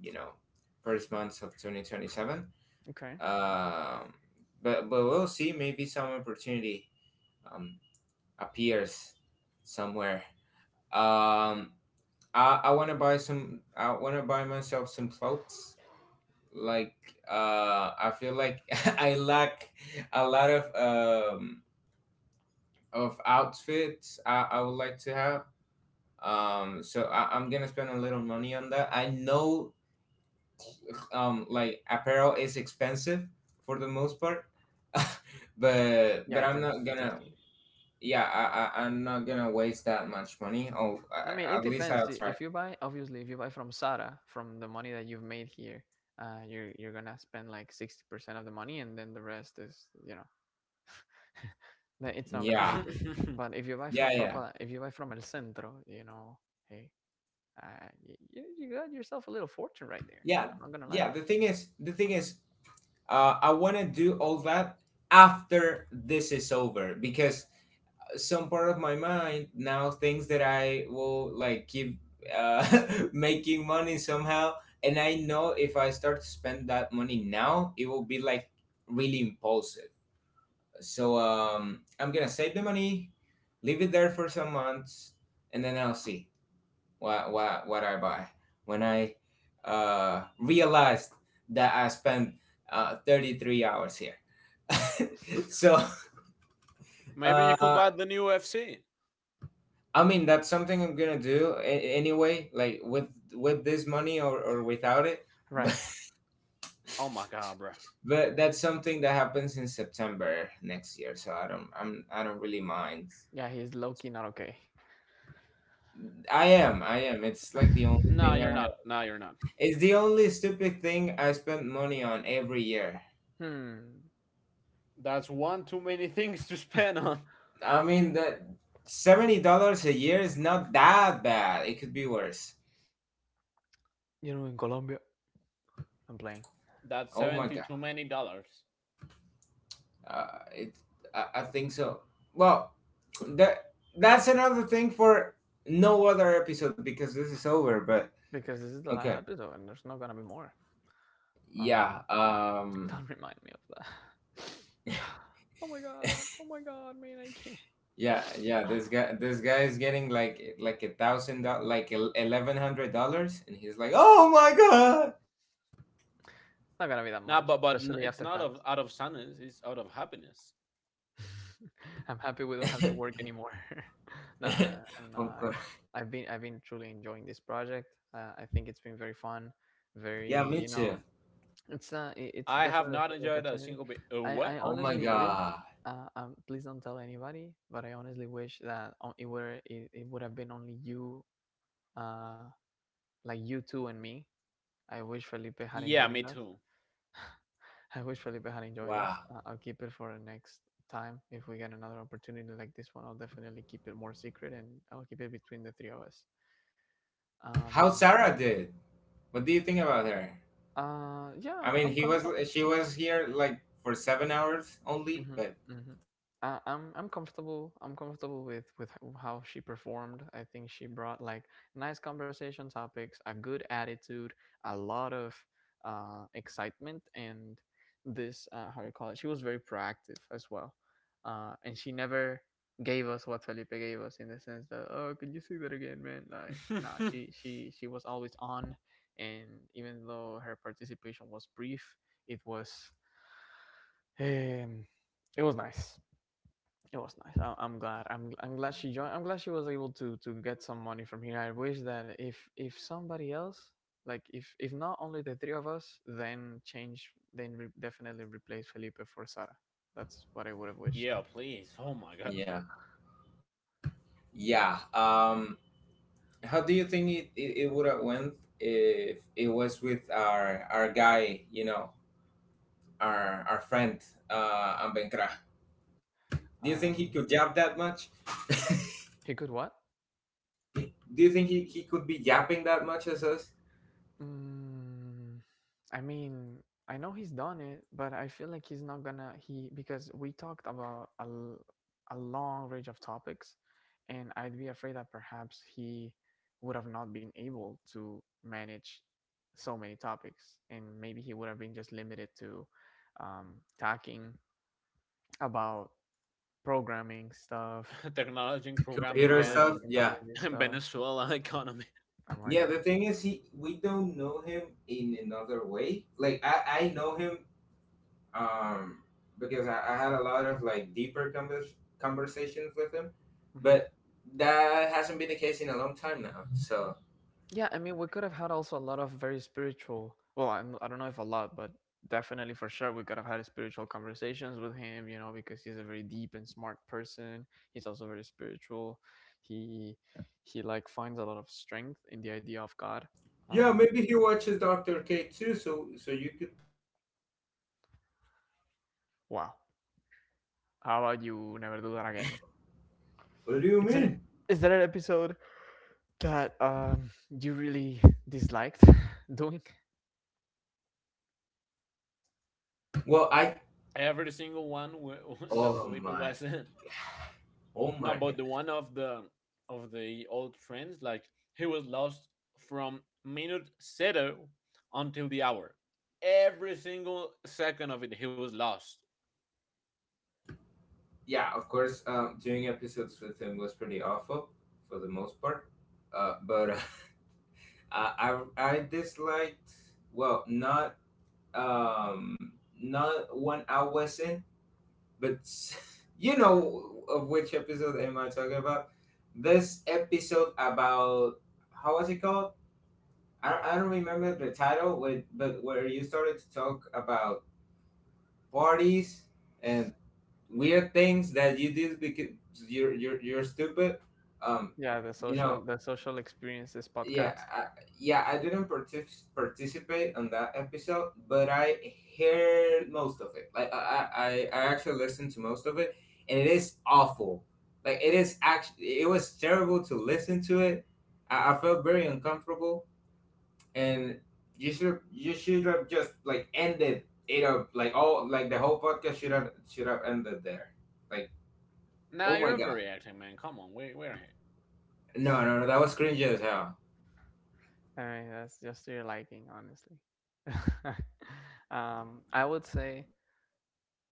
Speaker 2: you know, first months of 2027.
Speaker 1: Okay.
Speaker 2: Um, but we'll see. Maybe some opportunity um, appears somewhere. Um, I want to buy some. I want to buy myself some clothes like I feel like I lack a lot of outfits I would like to have, so I'm gonna spend a little money on that. I know like apparel is expensive for the most part, but
Speaker 1: Yeah, it
Speaker 2: I'm
Speaker 1: tends.
Speaker 2: not
Speaker 1: It tends
Speaker 2: gonna.
Speaker 1: to be.
Speaker 2: Yeah, I, I'm not gonna waste that much money oh
Speaker 1: I mean,
Speaker 2: at
Speaker 1: it
Speaker 2: least I'll
Speaker 1: depends.
Speaker 2: try.
Speaker 1: If you buy, obviously, if you buy from Sara, from the money that you've made here, you're gonna spend like 60% of the money, and then the rest is, you know. That it's not gonna
Speaker 2: yeah
Speaker 1: make it. But if you buy
Speaker 2: yeah
Speaker 1: from
Speaker 2: yeah
Speaker 1: Ropa, if you buy from El Centro, you know, hey, uh, you, you got yourself a little fortune right there. I'm
Speaker 2: yeah
Speaker 1: I'm not gonna lie.
Speaker 2: yeah the thing is I want to do all that after this is over because some part of my mind now thinks that I will like keep uh, making money somehow. And I know if I start to spend that money now, it will be like really impulsive. So, I'm going to save the money, leave it there for some months, and then I'll see what I buy when I realized that I spent 33 hours here. So
Speaker 3: Maybe you could
Speaker 2: uh,
Speaker 3: buy the new FC.
Speaker 2: I mean that's something I'm gonna do a- anyway, like with this money, or without it. But
Speaker 1: Right.
Speaker 3: Oh my god, bro.
Speaker 2: that's something that happens in September next year, so I don't, I'm, I don't really mind.
Speaker 1: Yeah, he's low key not okay.
Speaker 2: I am. It's
Speaker 1: Hmm.
Speaker 2: like the only
Speaker 3: Nah,
Speaker 2: thing. I,
Speaker 3: you're not. Nah, you're not.
Speaker 2: it's the only stupid thing I spend money on every year.
Speaker 3: That's one too many things to spend on.
Speaker 2: I mean that $70 a year is not that bad. It could be worse.
Speaker 1: You know, in Colombia, I'm playing
Speaker 3: That's
Speaker 2: Oh my
Speaker 3: 70
Speaker 2: god.
Speaker 3: too many dollars.
Speaker 2: It. I think so. Well, that that's another thing for no other episode because this is over. But
Speaker 1: because this is the last
Speaker 2: okay.
Speaker 1: episode and there's not gonna be more.
Speaker 2: Yeah.
Speaker 1: Um, don't remind me of that. Oh my god. Oh my god, man, I can't.
Speaker 2: Yeah.
Speaker 1: It's
Speaker 2: Yeah. This guy. This guy is getting like a thousand. Dol- like $1,100, and he's like, "Oh my god."
Speaker 1: not gonna be that
Speaker 3: Nah, but
Speaker 1: much, especially
Speaker 3: it's
Speaker 1: after
Speaker 3: not of
Speaker 1: tax.
Speaker 3: out of sadness. It's out of happiness.
Speaker 1: I'm happy we don't have to work anymore. Nah, I'm
Speaker 2: Of
Speaker 1: not.
Speaker 2: course.
Speaker 1: I've been truly enjoying this project. I think it's been very fun,
Speaker 2: Yeah.
Speaker 1: very
Speaker 2: Me
Speaker 1: you
Speaker 2: too.
Speaker 1: know, it's it's
Speaker 3: I have
Speaker 1: definitely a
Speaker 3: not
Speaker 1: special
Speaker 3: enjoyed a
Speaker 1: opportunity.
Speaker 3: single bit.
Speaker 1: I
Speaker 3: What?
Speaker 2: Oh my
Speaker 1: honestly wish.
Speaker 2: god.
Speaker 1: Please don't tell anybody, but I honestly wish that on, it were it, it would have been only you, uh, like you two and me. I wish Felipe had
Speaker 3: Yeah, me
Speaker 1: enjoined us.
Speaker 3: too.
Speaker 1: I wish Felipe had enjoyed us.
Speaker 2: Wow.
Speaker 1: I'll keep it for the next time. If we get another opportunity like this one, I'll definitely keep it more secret and I'll keep it between the three of us.
Speaker 2: How
Speaker 1: Um,
Speaker 2: Sarah did. What do you think about her?
Speaker 1: yeah,
Speaker 2: I mean,
Speaker 1: I'm
Speaker 2: he was
Speaker 1: comfortable.
Speaker 2: she was here like for 7 hours only,
Speaker 1: Hmm.
Speaker 2: but
Speaker 1: Hmm. I'm comfortable. I'm comfortable with how she performed. I think she brought like nice conversation topics, a good attitude, a lot of excitement, and this how you call it. She was very proactive as well, and she never gave us what Felipe gave us in the sense that oh, could you see that again, man? Like nah, she she she was always on, and even though her participation was brief, it was um, it was nice. It was nice. I'm glad. I'm glad she joined. I'm glad she was able to get some money from here. I wish that if somebody else, like if not only the three of us, then change, then definitely replace Felipe for Sara. That's what I would have wished.
Speaker 3: Yeah, please. Oh my god.
Speaker 2: yeah, yeah. How do you think it would have went if it was with our guy, you know, our friend, Ambenkra? Do you think he
Speaker 1: Um,
Speaker 2: could jab that much?
Speaker 1: he could what?
Speaker 2: Do you think he could be yapping that much as us?
Speaker 1: Mm, I mean, I know he's done it, but I feel like he's not gonna he because we talked about a long range of topics, and I'd be afraid that perhaps he would have not been able to manage so many topics, and maybe he would have been just limited to talking about programming stuff,
Speaker 3: Technology, programming,
Speaker 2: Computer
Speaker 1: technology,
Speaker 2: stuff,
Speaker 3: and…
Speaker 2: yeah,
Speaker 1: technology
Speaker 3: and
Speaker 1: stuff.
Speaker 3: Venezuela economy.
Speaker 1: Oh my
Speaker 2: yeah.
Speaker 1: god.
Speaker 2: The thing is, he, we don't know him in another way. Like I know him um, because I had a lot of like deeper convers- conversations with him,
Speaker 1: Mm-hmm.
Speaker 2: but that hasn't been the case in a long time now. So
Speaker 1: Yeah, I mean, we could have had also a lot of very spiritual. Well, I don't know if a lot, but definitely for sure, we could have had spiritual conversations with him. You know, because he's a very deep and smart person. He's also very spiritual. He he like finds a lot of strength in the idea of God.
Speaker 2: yeah,
Speaker 1: Uh,
Speaker 2: maybe he watches Doctor K too. So so you could.
Speaker 1: wow. How about you never do that again?
Speaker 2: What do you
Speaker 1: Is there
Speaker 2: mean?
Speaker 1: is there an episode that you really disliked doing?
Speaker 2: Well, I
Speaker 3: Every single one that
Speaker 2: oh
Speaker 3: Felipe
Speaker 2: my
Speaker 3: was in. No, but
Speaker 2: god.
Speaker 3: the one of the old friends, like he was lost from minute zero until the hour. Every single second of it, he was lost.
Speaker 2: Yeah, of course. Doing episodes with him was pretty awful for the most part. But I, I disliked, well, not um not when I wasn't, but you know of which episode am I talking about? This episode about how was it called? I don't remember the title, with, but where you started to talk about parties and weird things that you did because you're stupid. Um,
Speaker 1: Yeah,
Speaker 2: you know,
Speaker 1: the social experiences
Speaker 2: yeah,
Speaker 1: podcast.
Speaker 2: yeah, I didn't partic- participate on that episode, but I heard most of it. Like I actually listened to most of it, and it is awful. Like it is actually, it was terrible to listen to it. I felt very uncomfortable, and you should have just like ended it up. Like all, like the whole podcast should have ended there. Like,
Speaker 3: Now
Speaker 2: oh
Speaker 3: you're
Speaker 2: my god,
Speaker 3: overreacting, man. Come on, we we're here.
Speaker 2: no, no, no, that was cringe as hell.
Speaker 1: I mean, that's just to your liking, honestly. I would say,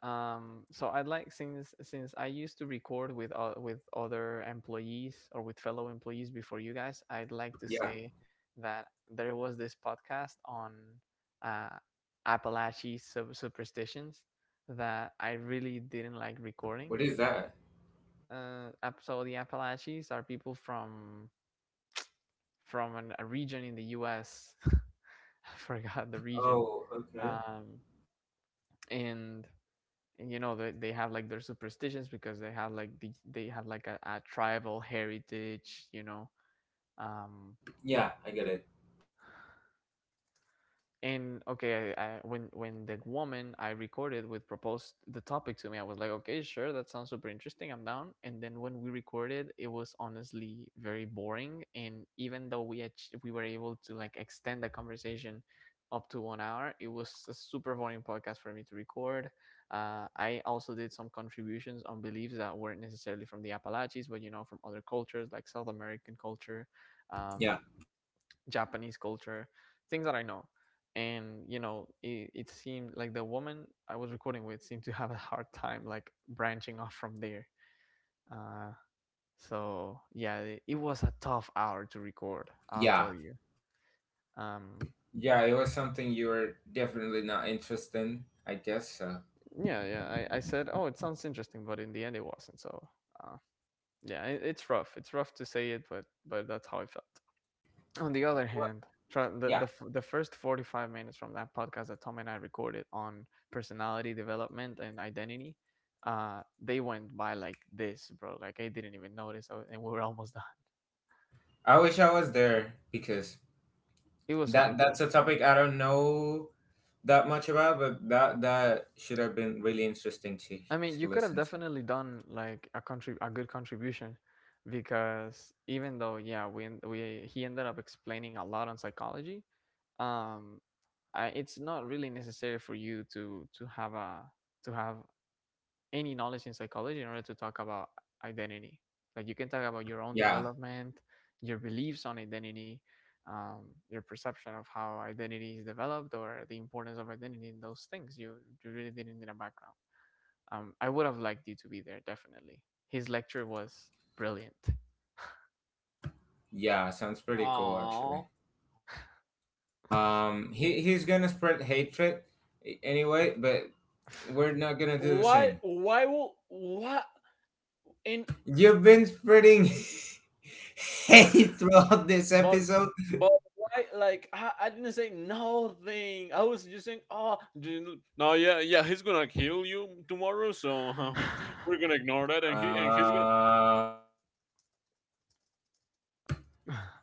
Speaker 1: so I would like since I used to record with other employees or with fellow employees before you guys, I'd like to
Speaker 2: Yeah,
Speaker 1: say that there was this podcast on uh, Appalachian superstitions that I really didn't like recording.
Speaker 2: what is that?
Speaker 1: So the Appalachians are people from a region in the U.S. I forgot the region.
Speaker 2: Oh, okay.
Speaker 1: Um, and you know they have like their superstitions because they have like they have like a tribal heritage, you know. Um,
Speaker 2: Yeah, I get it.
Speaker 1: and okay I when the woman I recorded with proposed the topic to me, I was like okay sure that sounds super interesting, I'm down, and then when we recorded it was honestly very boring, and even though we were able to like extend the conversation up to 1 hour, it was a super boring podcast for me to record. I also did some contributions on beliefs that weren't necessarily from the Appalachians, but you know from other cultures like South American culture, um,
Speaker 2: Yeah,
Speaker 1: Japanese culture, things that I know. And you know, it seemed like the woman I was recording with seemed to have a hard time like branching off from there. Uh, so yeah, it was a tough hour to record. I'll
Speaker 2: yeah,
Speaker 1: tell you. Um,
Speaker 2: yeah. It was something you were definitely not interested in, I guess.
Speaker 1: yeah, yeah. I said, oh, it sounds interesting, but in the end, it wasn't. So uh, yeah, it, it's rough. It's rough to say it, but that's how I felt. On the other
Speaker 2: What?
Speaker 1: hand, try,
Speaker 2: Yeah,
Speaker 1: the first 45 minutes from that podcast that Tom and I recorded on personality development and identity, they went by like this, bro. Like I didn't even notice, and we were almost done.
Speaker 2: I wish I was there because
Speaker 1: It was super cool.
Speaker 2: that's a topic I don't know that much about, but that should have been really interesting to
Speaker 1: I mean, you could have
Speaker 2: listen to.
Speaker 1: definitely done like a a good contribution, because even though yeah, we en- we he ended up explaining a lot on psychology. Um, it's not really necessary for you to have a to have any knowledge in psychology in order to talk about identity. Like you can talk about your own
Speaker 2: Yeah,
Speaker 1: development, your beliefs on identity, your perception of how identity is developed or the importance of identity in those things. You really didn't need a background. I would have liked you to be there definitely. His lecture was brilliant.
Speaker 2: yeah. Sounds pretty cool, actually.
Speaker 3: Aww.
Speaker 2: He he's gonna spread hatred a- anyway, but we're not gonna do the
Speaker 3: Why?
Speaker 2: same.
Speaker 3: Why will? What? In
Speaker 2: You've been spreading hate throughout this
Speaker 3: but
Speaker 2: episode.
Speaker 3: but why? Like I didn't say nothing. I was just saying, oh, no, yeah, yeah. He's gonna kill you tomorrow, so we're gonna ignore that, and he and he's gonna…
Speaker 2: Uh,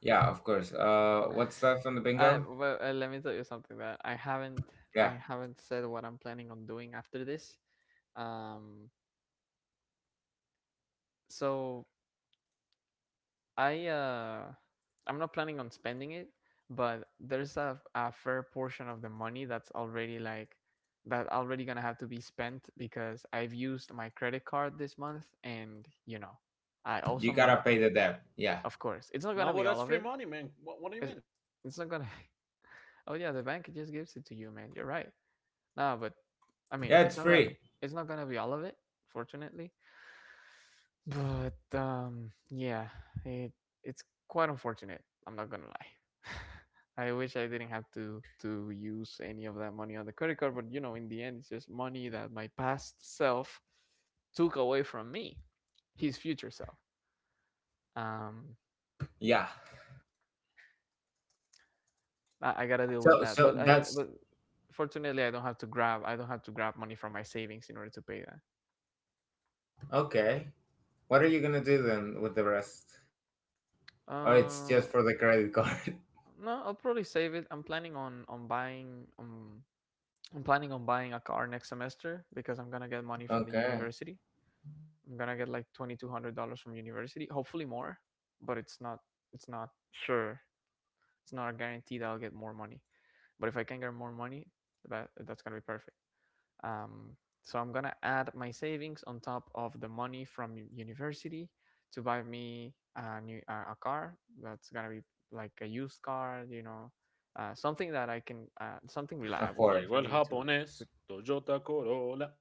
Speaker 2: yeah, of course. What's left on the bingo?
Speaker 1: Well, let me tell you something that I
Speaker 2: Yeah,
Speaker 1: haven't said what I'm planning on doing after this. Um, so I uh, I'm not planning on spending it, but there's a fair portion of the money that's already like that already gonna have to be spent because I've used my credit card this month, and you know, I owe
Speaker 2: you
Speaker 1: some
Speaker 2: gotta
Speaker 1: money.
Speaker 2: pay the debt. Yeah,
Speaker 1: Of course, it's not
Speaker 3: No,
Speaker 1: gonna
Speaker 3: but
Speaker 1: be
Speaker 3: that's
Speaker 1: all of
Speaker 3: free
Speaker 1: it.
Speaker 3: money, man. What do you
Speaker 1: It's,
Speaker 3: mean?
Speaker 1: it's not gonna. Oh yeah, the bank just gives it to you, man. You're right. No, but I mean,
Speaker 2: yeah, it's free.
Speaker 1: it's not gonna be all of it, fortunately. But yeah, it it's quite unfortunate. I'm not gonna lie. I wish I didn't have to use any of that money on the credit card, but you know, in the end, it's just money that my past self took away from me, his future self. Um,
Speaker 2: Yeah.
Speaker 1: I gotta deal with
Speaker 2: So,
Speaker 1: that. But
Speaker 2: so
Speaker 1: I
Speaker 2: that's
Speaker 1: but fortunately, I don't have to grab money from my savings in order to pay that.
Speaker 2: okay. What are you gonna do then with the rest? Or it's
Speaker 1: Uh,
Speaker 2: just for the credit card?
Speaker 1: no, I'll probably save it. I'm planning on buying a car next semester because I'm gonna get money from the
Speaker 2: Okay,
Speaker 1: university. I'm gonna get like $2,200 from university, hopefully more, but it's not sure. It's not a guarantee that I'll get more money. But if I can get more money, that that's gonna be perfect. Um, so I'm gonna add my savings on top of the money from university to buy me a new a car that's gonna be like a used car, you know, something that I can something reliable
Speaker 2: afford,
Speaker 1: for
Speaker 3: Llegó el
Speaker 1: me to
Speaker 3: japonés, Toyota Corolla.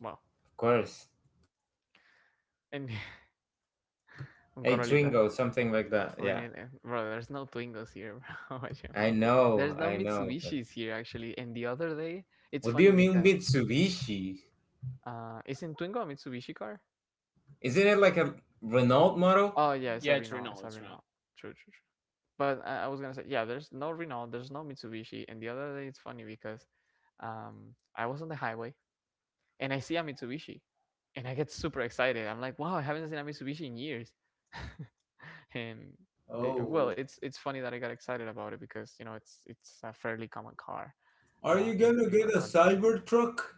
Speaker 1: well.
Speaker 2: of course.
Speaker 1: And un
Speaker 2: A
Speaker 1: Corolita.
Speaker 2: Twingo, something like that.
Speaker 1: We
Speaker 2: Yeah,
Speaker 1: need it. Bro, there's no Twingos here, bro. What you
Speaker 2: I
Speaker 1: mean?
Speaker 2: know,
Speaker 1: There's no
Speaker 2: I know. But
Speaker 1: Mitsubishis here, actually. And the other day, it's
Speaker 2: what do you
Speaker 1: funny
Speaker 2: mean
Speaker 1: because
Speaker 2: Mitsubishi?
Speaker 1: isn't Twingo a Mitsubishi car?
Speaker 2: Isn't it like a Renault model?
Speaker 1: Oh yeah, it's
Speaker 3: Yeah,
Speaker 1: a
Speaker 3: it's
Speaker 1: Renault.
Speaker 3: Renault,
Speaker 1: It's a
Speaker 3: it's Renault.
Speaker 1: Renault. True, true, true. But I was gonna say, yeah, there's no Renault, there's no Mitsubishi. And the other day, it's funny because I was on the highway and I see a Mitsubishi, and I get super excited. I'm like, wow, I haven't seen a Mitsubishi in years, and well,
Speaker 2: Oh,
Speaker 1: it's funny that I got excited about it because it's a fairly common car,
Speaker 2: are you
Speaker 1: in
Speaker 2: gonna
Speaker 1: in
Speaker 2: get
Speaker 1: our
Speaker 2: a
Speaker 1: country.
Speaker 2: cyber truck?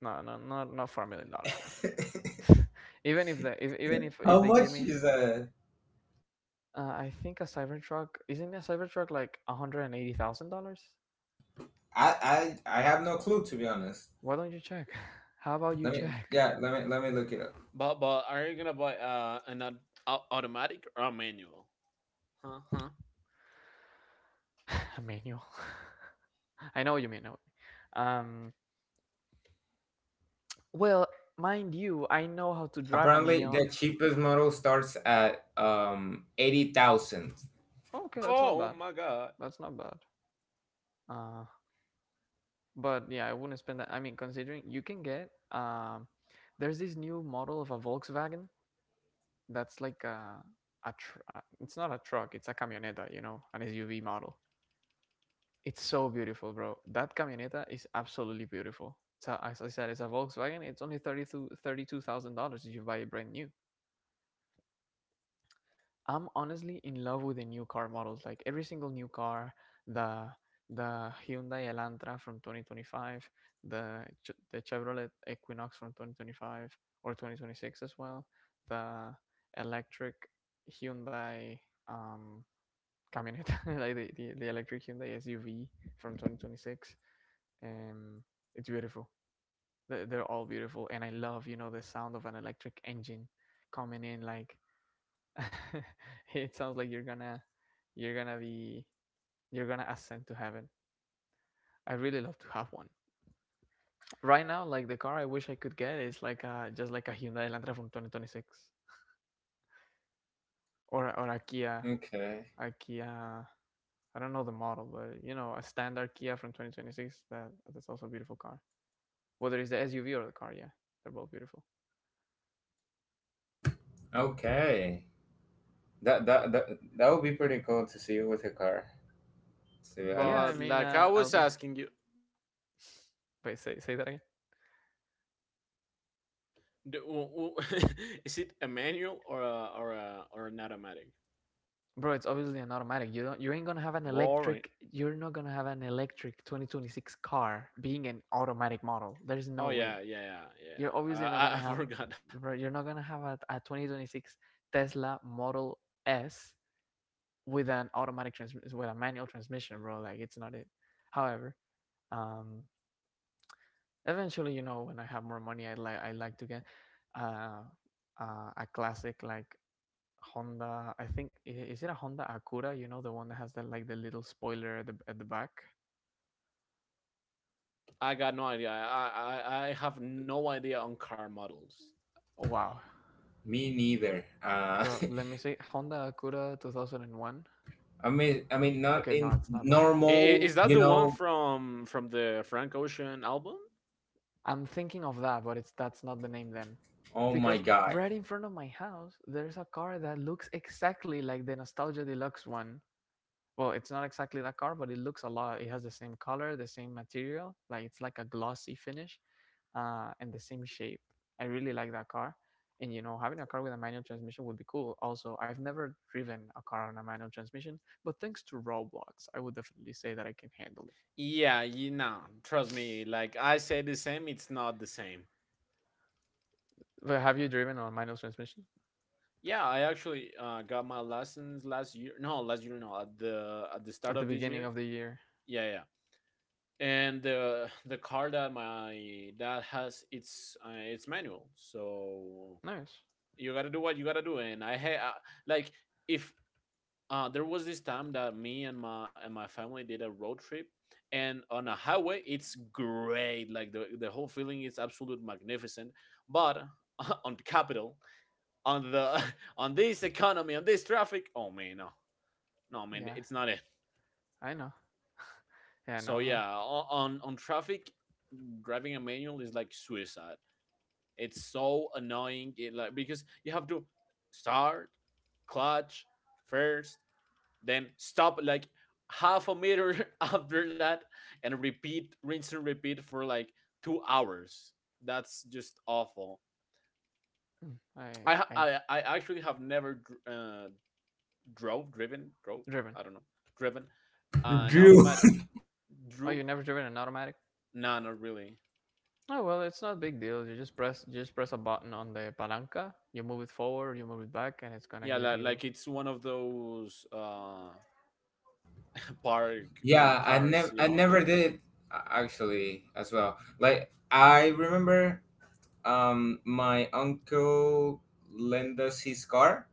Speaker 1: No, no, not $4 million, man. even if the if, even if
Speaker 2: How
Speaker 1: if they gave
Speaker 2: much
Speaker 1: me,
Speaker 2: is
Speaker 1: I think a Cybertruck, isn't a Cybertruck like $180,000?
Speaker 2: I have no clue, to be honest.
Speaker 1: Why don't you check? How about you
Speaker 2: Let me,
Speaker 1: check?
Speaker 2: yeah, let me look it up.
Speaker 3: But are you gonna buy an au- automatic or a manual? Huh? Huh?
Speaker 1: A manual. I know what you mean. I know what you mean. Well, mind you, I know how to drive a
Speaker 2: Apparently the
Speaker 1: manual.
Speaker 2: cheapest model starts at 80,000.
Speaker 1: Okay, that's not
Speaker 3: Oh oh
Speaker 1: bad.
Speaker 3: my god.
Speaker 1: That's not bad. Uh, but yeah, I wouldn't spend that. I mean, considering you can get, there's this new model of a Volkswagen that's like a, it's not a truck, it's a camioneta, you know, an SUV model. It's so beautiful, bro. That camioneta is absolutely beautiful. So as I said, it's a Volkswagen. It's only 32 $32,000 if you buy it brand new. I'm honestly in love with the new car models. Like every single new car, the the Hyundai Elantra from 2025, the Chevrolet Equinox from 2025 or 2026 as well, the electric Hyundai um camioneta, like the electric Hyundai SUV from 2026. Um, it's beautiful. They're all beautiful, and I love the sound of an electric engine coming in like it sounds like you're gonna be you're gonna ascend to heaven. I really love to have one. Right now, like the car I wish I could get is like a, just like a Hyundai Elantra from 2026, or a Kia,
Speaker 2: Okay.
Speaker 1: a Kia. I don't know the model, but you know a standard Kia from 2026. That's also a beautiful car. Whether it's the SUV or the car, yeah, they're both beautiful.
Speaker 2: Okay. That that that that would be pretty cool to see with a car, to be
Speaker 1: Yeah, I
Speaker 3: But
Speaker 2: honest.
Speaker 1: mean,
Speaker 3: like I
Speaker 1: I'll
Speaker 3: was
Speaker 1: be.
Speaker 3: asking you,
Speaker 1: Wait, say that again.
Speaker 3: do, is it a manual or or an automatic?
Speaker 1: Bro, it's obviously an automatic. You ain't gonna have an
Speaker 3: Boring.
Speaker 1: electric. You're not gonna have an electric 2026 car being an automatic model. There's no
Speaker 3: Oh
Speaker 1: way.
Speaker 3: yeah, yeah, yeah,
Speaker 1: You're
Speaker 3: yeah.
Speaker 1: obviously not gonna
Speaker 3: I
Speaker 1: have,
Speaker 3: forgot.
Speaker 1: bro. You're not gonna have a 2026 Tesla Model S with an automatic trans with a manual transmission, bro. Like it's not it. However, um, eventually, you know, when I have more money, I like to get, uh, uh, a classic like Honda. I think is it a Honda Acura? You know the one that has that like the little spoiler at the back.
Speaker 3: I got no idea. I have no idea on car models.
Speaker 1: Oh, wow.
Speaker 2: Me neither.
Speaker 1: So let me see, Honda Acura 2001.
Speaker 2: I mean, not
Speaker 1: Okay, no,
Speaker 2: in
Speaker 1: it's not that.
Speaker 3: I- i-
Speaker 2: normal,
Speaker 3: Is that
Speaker 2: you
Speaker 3: the one
Speaker 2: know.
Speaker 3: from the Frank Ocean album?
Speaker 1: I'm thinking of that, but it's that's not the name then.
Speaker 2: Oh my
Speaker 1: Because
Speaker 2: god.
Speaker 1: right in front of my house, there's a car that looks exactly like the Nostalgia Deluxe one. Well, it's not exactly that car, but it looks a lot. It has the same color, the same material. Like it's like a glossy finish, and the same shape. I really like that car. And you know, having a car with a manual transmission would be cool. Also, I've never driven a car on a manual transmission, but thanks to Roblox, I would definitely say that I can handle it.
Speaker 3: Yeah, you know, trust me. Like I say, the same. It's not the same.
Speaker 1: But have you driven on manual transmission
Speaker 3: Yeah, I actually got my lessons last year. No, last year no. At the start
Speaker 1: at the
Speaker 3: of this
Speaker 1: beginning
Speaker 3: year.
Speaker 1: of the year?
Speaker 3: Yeah, yeah. And the the car that my dad has, it's manual. So
Speaker 1: Nice.
Speaker 3: you gotta do what you gotta do. And like if there was this time that me and my family did a road trip and on a highway it's great, like the whole feeling is absolute magnificent, but on the capital, on the on this economy, on this traffic, oh man, no, no man,
Speaker 1: Yeah,
Speaker 3: it's not it.
Speaker 1: I know. Yeah, no.
Speaker 3: So yeah, on traffic, driving a manual is like suicide. It's so annoying. It like because you have to start, clutch, first, then stop like half a meter after that, and repeat, rinse and repeat for like 2 hours. That's just awful.
Speaker 1: I I
Speaker 3: I actually have never drove,
Speaker 1: driven.
Speaker 3: I don't know, driven an
Speaker 2: Drew.
Speaker 3: automatic,
Speaker 1: Oh, you
Speaker 3: drew.
Speaker 1: never driven an automatic?
Speaker 3: No, not really.
Speaker 1: Oh well, it's not a big deal. You just press a button on the palanca. You move it forward, you move it back, and it's gonna
Speaker 3: Yeah
Speaker 1: give you.
Speaker 3: like it's one of those park
Speaker 2: Yeah, I
Speaker 3: cars,
Speaker 2: never
Speaker 3: you know, the…
Speaker 2: did actually as well. Like I remember my uncle lent us his car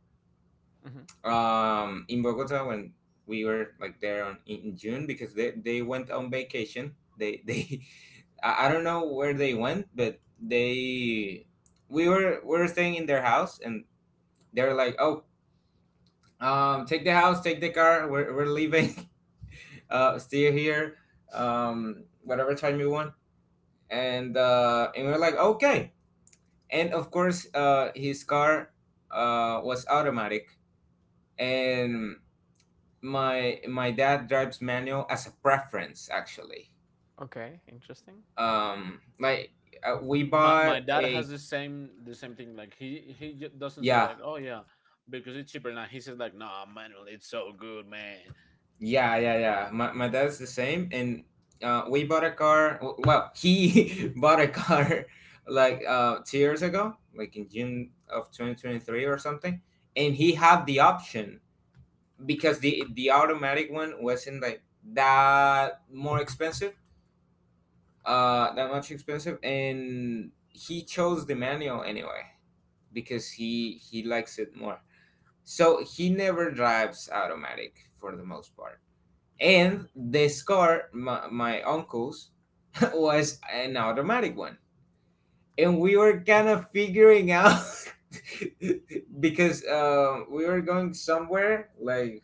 Speaker 1: Hmm.
Speaker 2: in Bogota when we were like there on, in June because they went on vacation. They I don't know where they went, but they, we were staying in their house and they're like, oh, take the house, take the car, we're leaving, stay here, whatever time you want, and we, we're like, okay, and of course his car was automatic, and my dad drives manual as a preference actually,
Speaker 1: Okay, interesting.
Speaker 2: like, we
Speaker 3: my
Speaker 2: bought
Speaker 3: my dad
Speaker 2: a
Speaker 3: has the same thing. Like he doesn't say
Speaker 2: yeah
Speaker 3: like, oh yeah, because it's cheaper now. He says like, nah, manual, it's so good, man.
Speaker 2: yeah my dad's the same, and we bought a car, w- well he bought a car like 2 years ago like in June of 2023 or something, and he had the option because the automatic one wasn't like that more expensive, that much expensive, and he chose the manual anyway because he likes it more, so he never drives automatic for the most part. And this car, my uncle's, was an automatic one, and we were kind of figuring out because we were going somewhere like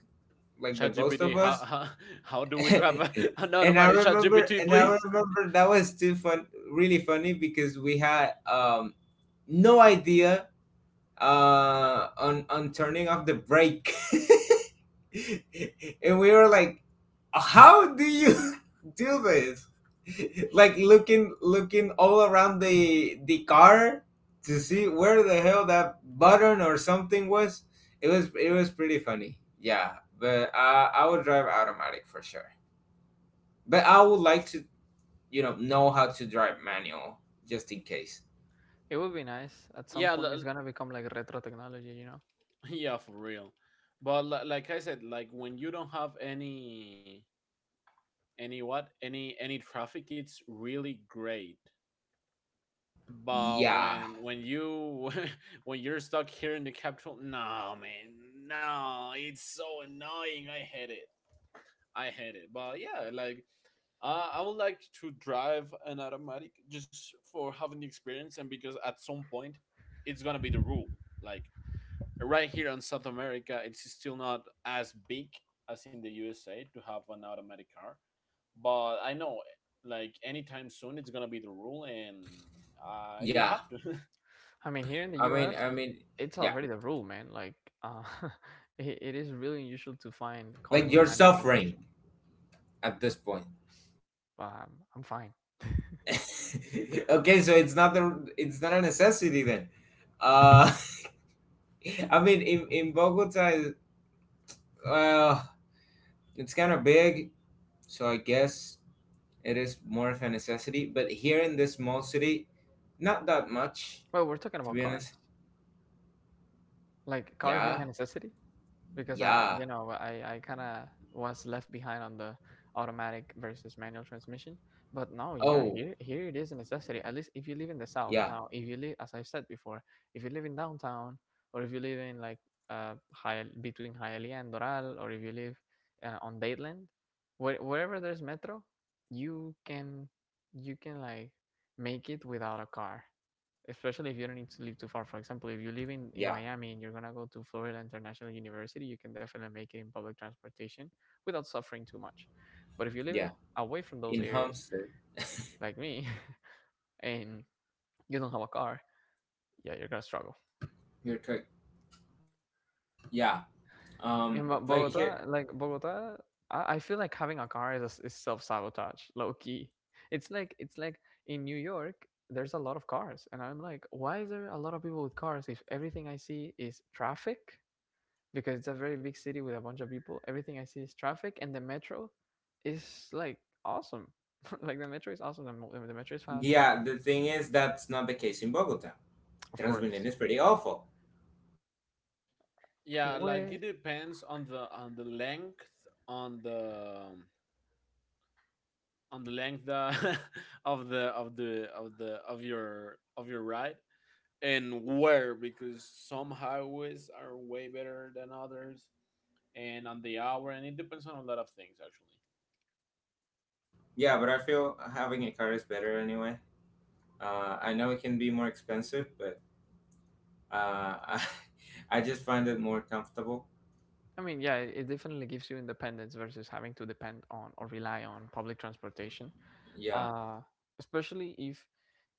Speaker 2: the both of
Speaker 3: ChatGPT,
Speaker 2: us,
Speaker 3: how, how do we drive a, an automatic, ChatGPT,
Speaker 2: and I
Speaker 3: please?
Speaker 2: remember that was too fun, really funny, because we had, no idea on turning off the brake, and we were like, "How do you do this?" Like looking all around the car to see where the hell that button or something was. It was pretty funny. Yeah, but I would drive automatic for sure. But I would like to, you know how to drive manual just in case.
Speaker 1: It would be nice at some
Speaker 3: Yeah,
Speaker 1: point. It's gonna become like retro technology, you know.
Speaker 3: yeah, for real. But like I said, like when you don't have any what any traffic, it's really great. But
Speaker 2: Yeah.
Speaker 3: when you when you're stuck here in the capital, no man, no, it's so annoying. I hate it. I hate it. But yeah, like I would like to drive an automatic just for having the experience and because at some point it's gonna be the rule. Like right here in South America, it's still not as big as in the USA to have an automatic car. But I know like anytime soon it's gonna be the rule, and you
Speaker 2: Yeah.
Speaker 3: have to…
Speaker 1: I mean, here in the
Speaker 2: I mean,
Speaker 1: U.S., it's
Speaker 2: yeah.
Speaker 1: already the rule, man. Like, uh, it is really unusual to find cars
Speaker 2: Like
Speaker 1: with a
Speaker 2: you're
Speaker 1: manual
Speaker 2: suffering
Speaker 1: transmission.
Speaker 2: at this point.
Speaker 1: But I'm fine.
Speaker 2: Okay, so it's not the, it's not a necessity then. Uh I mean, in Bogota, well, it's kind of big, so I guess it is more of a necessity, but here in this small city, not that much,
Speaker 1: Well, we're talking
Speaker 2: to
Speaker 1: about
Speaker 2: be
Speaker 1: cars,
Speaker 2: honest.
Speaker 1: like cars being
Speaker 2: Yeah.
Speaker 1: a necessity, because I,
Speaker 2: Yeah.
Speaker 1: you know, I kind of was left behind on the automatic versus manual transmission. But now, yeah,
Speaker 2: Oh,
Speaker 1: here it is a necessity. At least if you live in the south.
Speaker 2: yeah.
Speaker 1: Now, if you live, as I've said before, if you live in downtown, or if you live in like high between Hialeah and Doral, or if you live on Dateland, wherever there's metro, you can, like make it without a car, especially if you don't need to live too far. For example, if you live in
Speaker 2: Yeah.
Speaker 1: Miami and you're gonna go to Florida International University, you can definitely make it in public transportation without suffering too much. But if you live
Speaker 2: Yeah.
Speaker 1: away from those
Speaker 2: In
Speaker 1: areas,
Speaker 2: Homestead.
Speaker 1: like me, and you don't have a car, yeah, you're gonna struggle.
Speaker 2: You're correct. Yeah.
Speaker 1: In Bo-
Speaker 2: Like here.
Speaker 1: Bogota, like Bogota, I feel like having a car is a s is self sabotage, low key. It's like in New York. There's a lot of cars, and I'm like, why is there a lot of people with cars if everything I see is traffic, because it's a very big city with a bunch of people. Everything I see is traffic, and the metro is like awesome. Like the metro is awesome. The metro is fast,
Speaker 2: Yeah. The thing is, that's not the case in Bogota.
Speaker 1: of
Speaker 2: Transmilenio
Speaker 1: course.
Speaker 2: is pretty awful.
Speaker 3: Yeah, like
Speaker 1: Where
Speaker 3: it depends on the length on the on the length of the of the of the of your ride, and where, because some highways are way better than others, and on the hour, and it depends on a lot of things actually.
Speaker 2: Yeah, but I feel having a car is better anyway. I know it can be more expensive, but uh, I, I just find it more comfortable.
Speaker 1: I mean, yeah, it definitely gives you independence versus having to depend on or rely on public transportation.
Speaker 2: Yeah.
Speaker 1: Uh, Especially if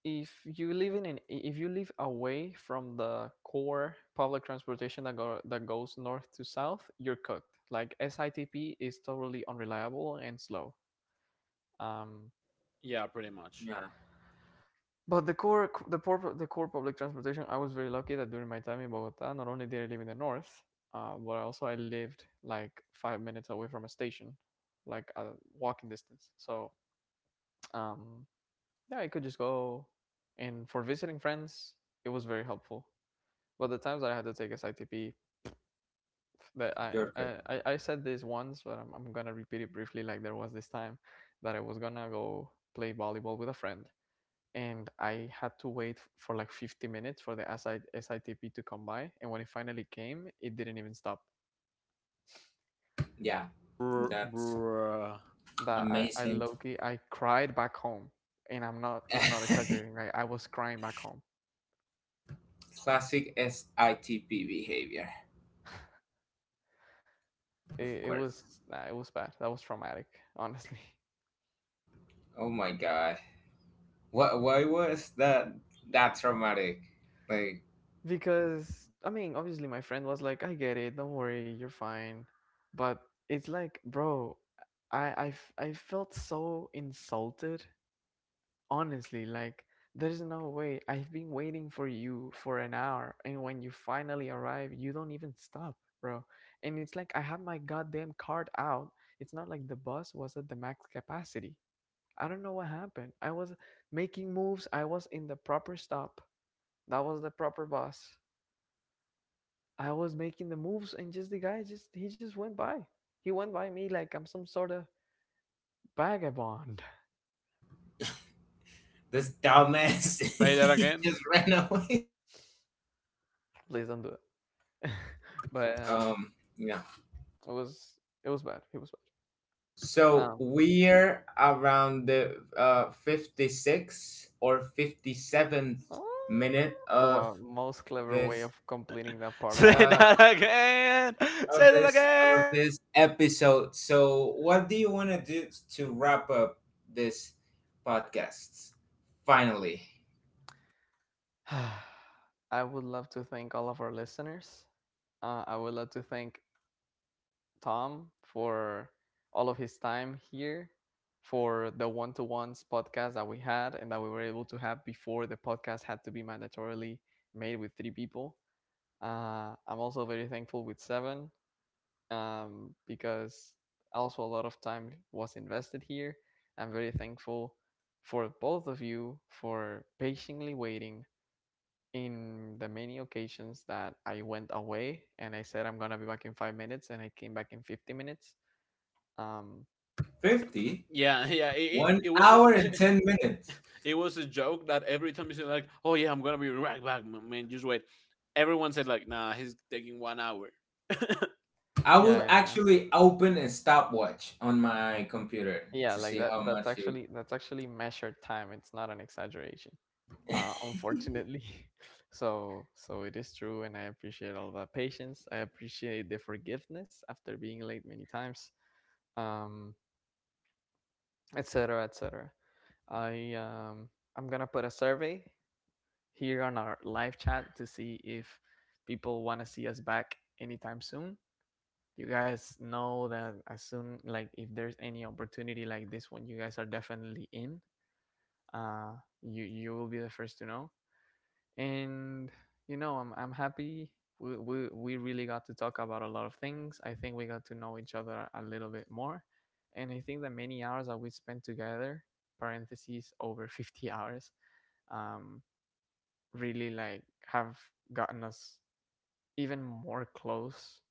Speaker 1: you live in an, if you live away from the core public transportation that goes north to south, you're cooked. Like SITP is totally unreliable and slow. Um,
Speaker 3: Yeah, pretty much.
Speaker 2: Yeah.
Speaker 1: But the core public transportation. I was very lucky that during my time in Bogota, not only did I live in the north, but also I lived like 5 minutes away from a station, like a walking distance. So um, yeah, I could just go, and for visiting friends, it was very helpful. But the times that I had to take SITP, that I
Speaker 2: You're
Speaker 1: I,
Speaker 2: correct.
Speaker 1: I I said this once, but I'm gonna repeat it briefly. Like there was this time that I was gonna go play volleyball with a friend, and I had to wait for like 50 minutes for the SITP to come by. And when it finally came, it didn't even stop.
Speaker 2: Yeah.
Speaker 3: Br-
Speaker 2: That's
Speaker 3: bruh.
Speaker 1: That I
Speaker 2: amazing.
Speaker 1: low-key, I cried back home, and I'm not exaggerating. Right, I was crying back home.
Speaker 2: Classic SITP behavior. Of
Speaker 1: It
Speaker 2: course.
Speaker 1: was, nah, it was bad. That was traumatic, honestly.
Speaker 2: Oh my god. What? Why was that traumatic? Like
Speaker 1: Because I mean, obviously, my friend was like, "I get it. Don't worry, you're fine." But it's like, bro, I felt so insulted, honestly, like there is no way. I've been waiting for you for an hour, and when you finally arrive, you don't even stop, bro. And it's like, I have my goddamn card out. It's not like the bus was at the max capacity. I don't know what happened. I was making moves, I was in the proper stop, that was the proper bus, I was making the moves, and just the guy, just, he just went by. He went by me like I'm some sort of vagabond.
Speaker 2: this dumbass
Speaker 3: Say that
Speaker 2: he
Speaker 3: again.
Speaker 2: just ran away.
Speaker 1: Please don't do it. But
Speaker 2: Yeah.
Speaker 1: it was it was bad, it was bad.
Speaker 2: So
Speaker 1: Um,
Speaker 2: we're around the 56 or
Speaker 1: uh,
Speaker 2: 57th minute
Speaker 1: well,
Speaker 2: of
Speaker 1: most clever way
Speaker 2: this
Speaker 1: of completing that part of
Speaker 3: Say
Speaker 1: the.
Speaker 2: uh
Speaker 3: that again.
Speaker 2: of
Speaker 3: Say that
Speaker 2: this
Speaker 3: again.
Speaker 2: of this episode. So what do you want to do to wrap up this podcast? Finally,
Speaker 1: I would love to thank all of our listeners. I would love to thank Tom for all of his time here, for the one to ones podcast that we had and that we were able to have before the podcast had to be mandatorily made with three people. I'm also very thankful with Seven, because also a lot of time was invested here. I'm very thankful for both of you for patiently waiting in the many occasions that I went away and I said I'm gonna be back in 5 minutes and I came back in 50 minutes. Um,
Speaker 2: fifty
Speaker 3: Yeah, yeah.
Speaker 2: one
Speaker 3: It was a…
Speaker 2: hour and 10 minutes.
Speaker 3: It was a joke that every time you said like, "Oh yeah, I'm gonna be right back, man. Just wait." Everyone said like, "Nah, he's taking 1 hour."
Speaker 2: I
Speaker 1: yeah,
Speaker 2: would
Speaker 1: and
Speaker 2: actually open a stopwatch on my computer
Speaker 1: yeah,
Speaker 2: to
Speaker 1: like
Speaker 2: see
Speaker 1: that.
Speaker 2: how
Speaker 1: That's
Speaker 2: much you
Speaker 1: actually that's actually measured time. It's not an exaggeration. Unfortunately. So it is true, and I appreciate all the patience. I appreciate the forgiveness after being late many times, um, etc. etc. I um, I'm gonna put a survey here on our live chat to see if people want to see us back anytime soon. You guys know that as soon like if there's any opportunity like this one, you guys are definitely in. You will be the first to know, and you know I'm happy we really got to talk about a lot of things. I think we got to know each other a little bit more, and I think the many hours that we spent together, parentheses, over 50 hours, um, really like have gotten us even more close,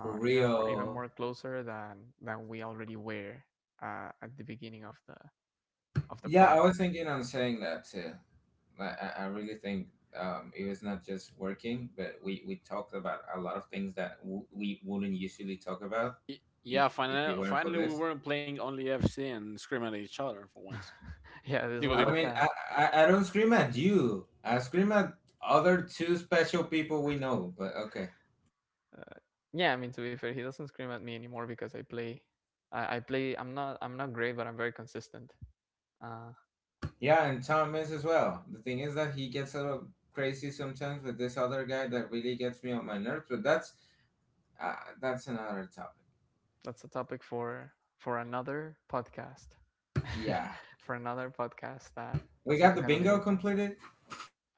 Speaker 2: for
Speaker 1: even more even
Speaker 2: real.
Speaker 1: more closer than we already were, at the beginning of the
Speaker 2: Yeah, I
Speaker 1: project.
Speaker 2: was thinking on saying that too. Like, I really think it was not just working, but we talked about a lot of things that w- we wouldn't usually talk about
Speaker 3: Y- yeah,
Speaker 2: if
Speaker 3: finally,
Speaker 2: it weren't for
Speaker 3: finally, we
Speaker 2: this.
Speaker 3: weren't playing only FC and screaming at each other for once.
Speaker 1: Yeah, this
Speaker 3: Digo,
Speaker 1: was
Speaker 2: I
Speaker 3: digo.
Speaker 1: like
Speaker 2: mean,
Speaker 1: a.
Speaker 2: I don't scream at you. I scream at other two special people we know. But okay.
Speaker 1: Uh, yeah, I mean, to be fair, he doesn't scream at me anymore because I play. I play. I'm not. I'm not great, but I'm very consistent. Uh,
Speaker 2: Yeah, and Thomas as well. The thing is that he gets a little crazy sometimes with this other guy that really gets me on my nerves. But uh, that's another topic.
Speaker 1: that's a topic for another podcast.
Speaker 2: Yeah,
Speaker 1: For another podcast that
Speaker 2: we
Speaker 1: is
Speaker 2: got
Speaker 1: not
Speaker 2: the
Speaker 1: gonna be
Speaker 2: bingo
Speaker 1: this one.
Speaker 2: completed.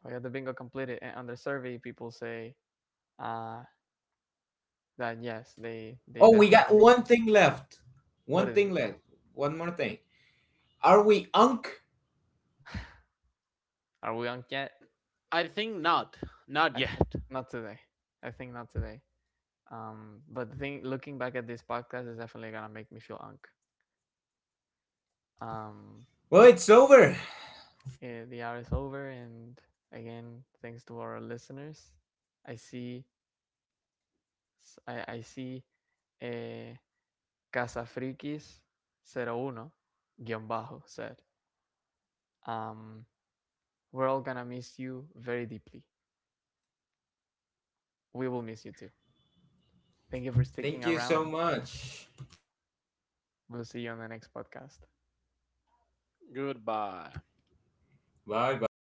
Speaker 1: We had the bingo completed, and on the survey, people say uh, that yes, they
Speaker 2: Oh, we got
Speaker 1: definitely.
Speaker 2: one thing left.
Speaker 1: What
Speaker 2: One
Speaker 1: is
Speaker 2: thing
Speaker 1: it?
Speaker 2: left. One more thing. Are we unk?
Speaker 1: Are we on yet?
Speaker 3: I think not, not yet.
Speaker 1: Not today. I think not today. But think looking back at this podcast is definitely gonna make me feel unk. Um,
Speaker 2: Well, it's over.
Speaker 1: The hour is over, and again, thanks to our listeners. I see, I see uh, casafrikis 01, guión bajo said, um, we're all gonna miss you very deeply. We will miss you too. Thank you for sticking
Speaker 2: Thank you so
Speaker 1: around.
Speaker 2: much.
Speaker 1: We'll see you on the next podcast.
Speaker 3: Goodbye.
Speaker 2: Bye bye.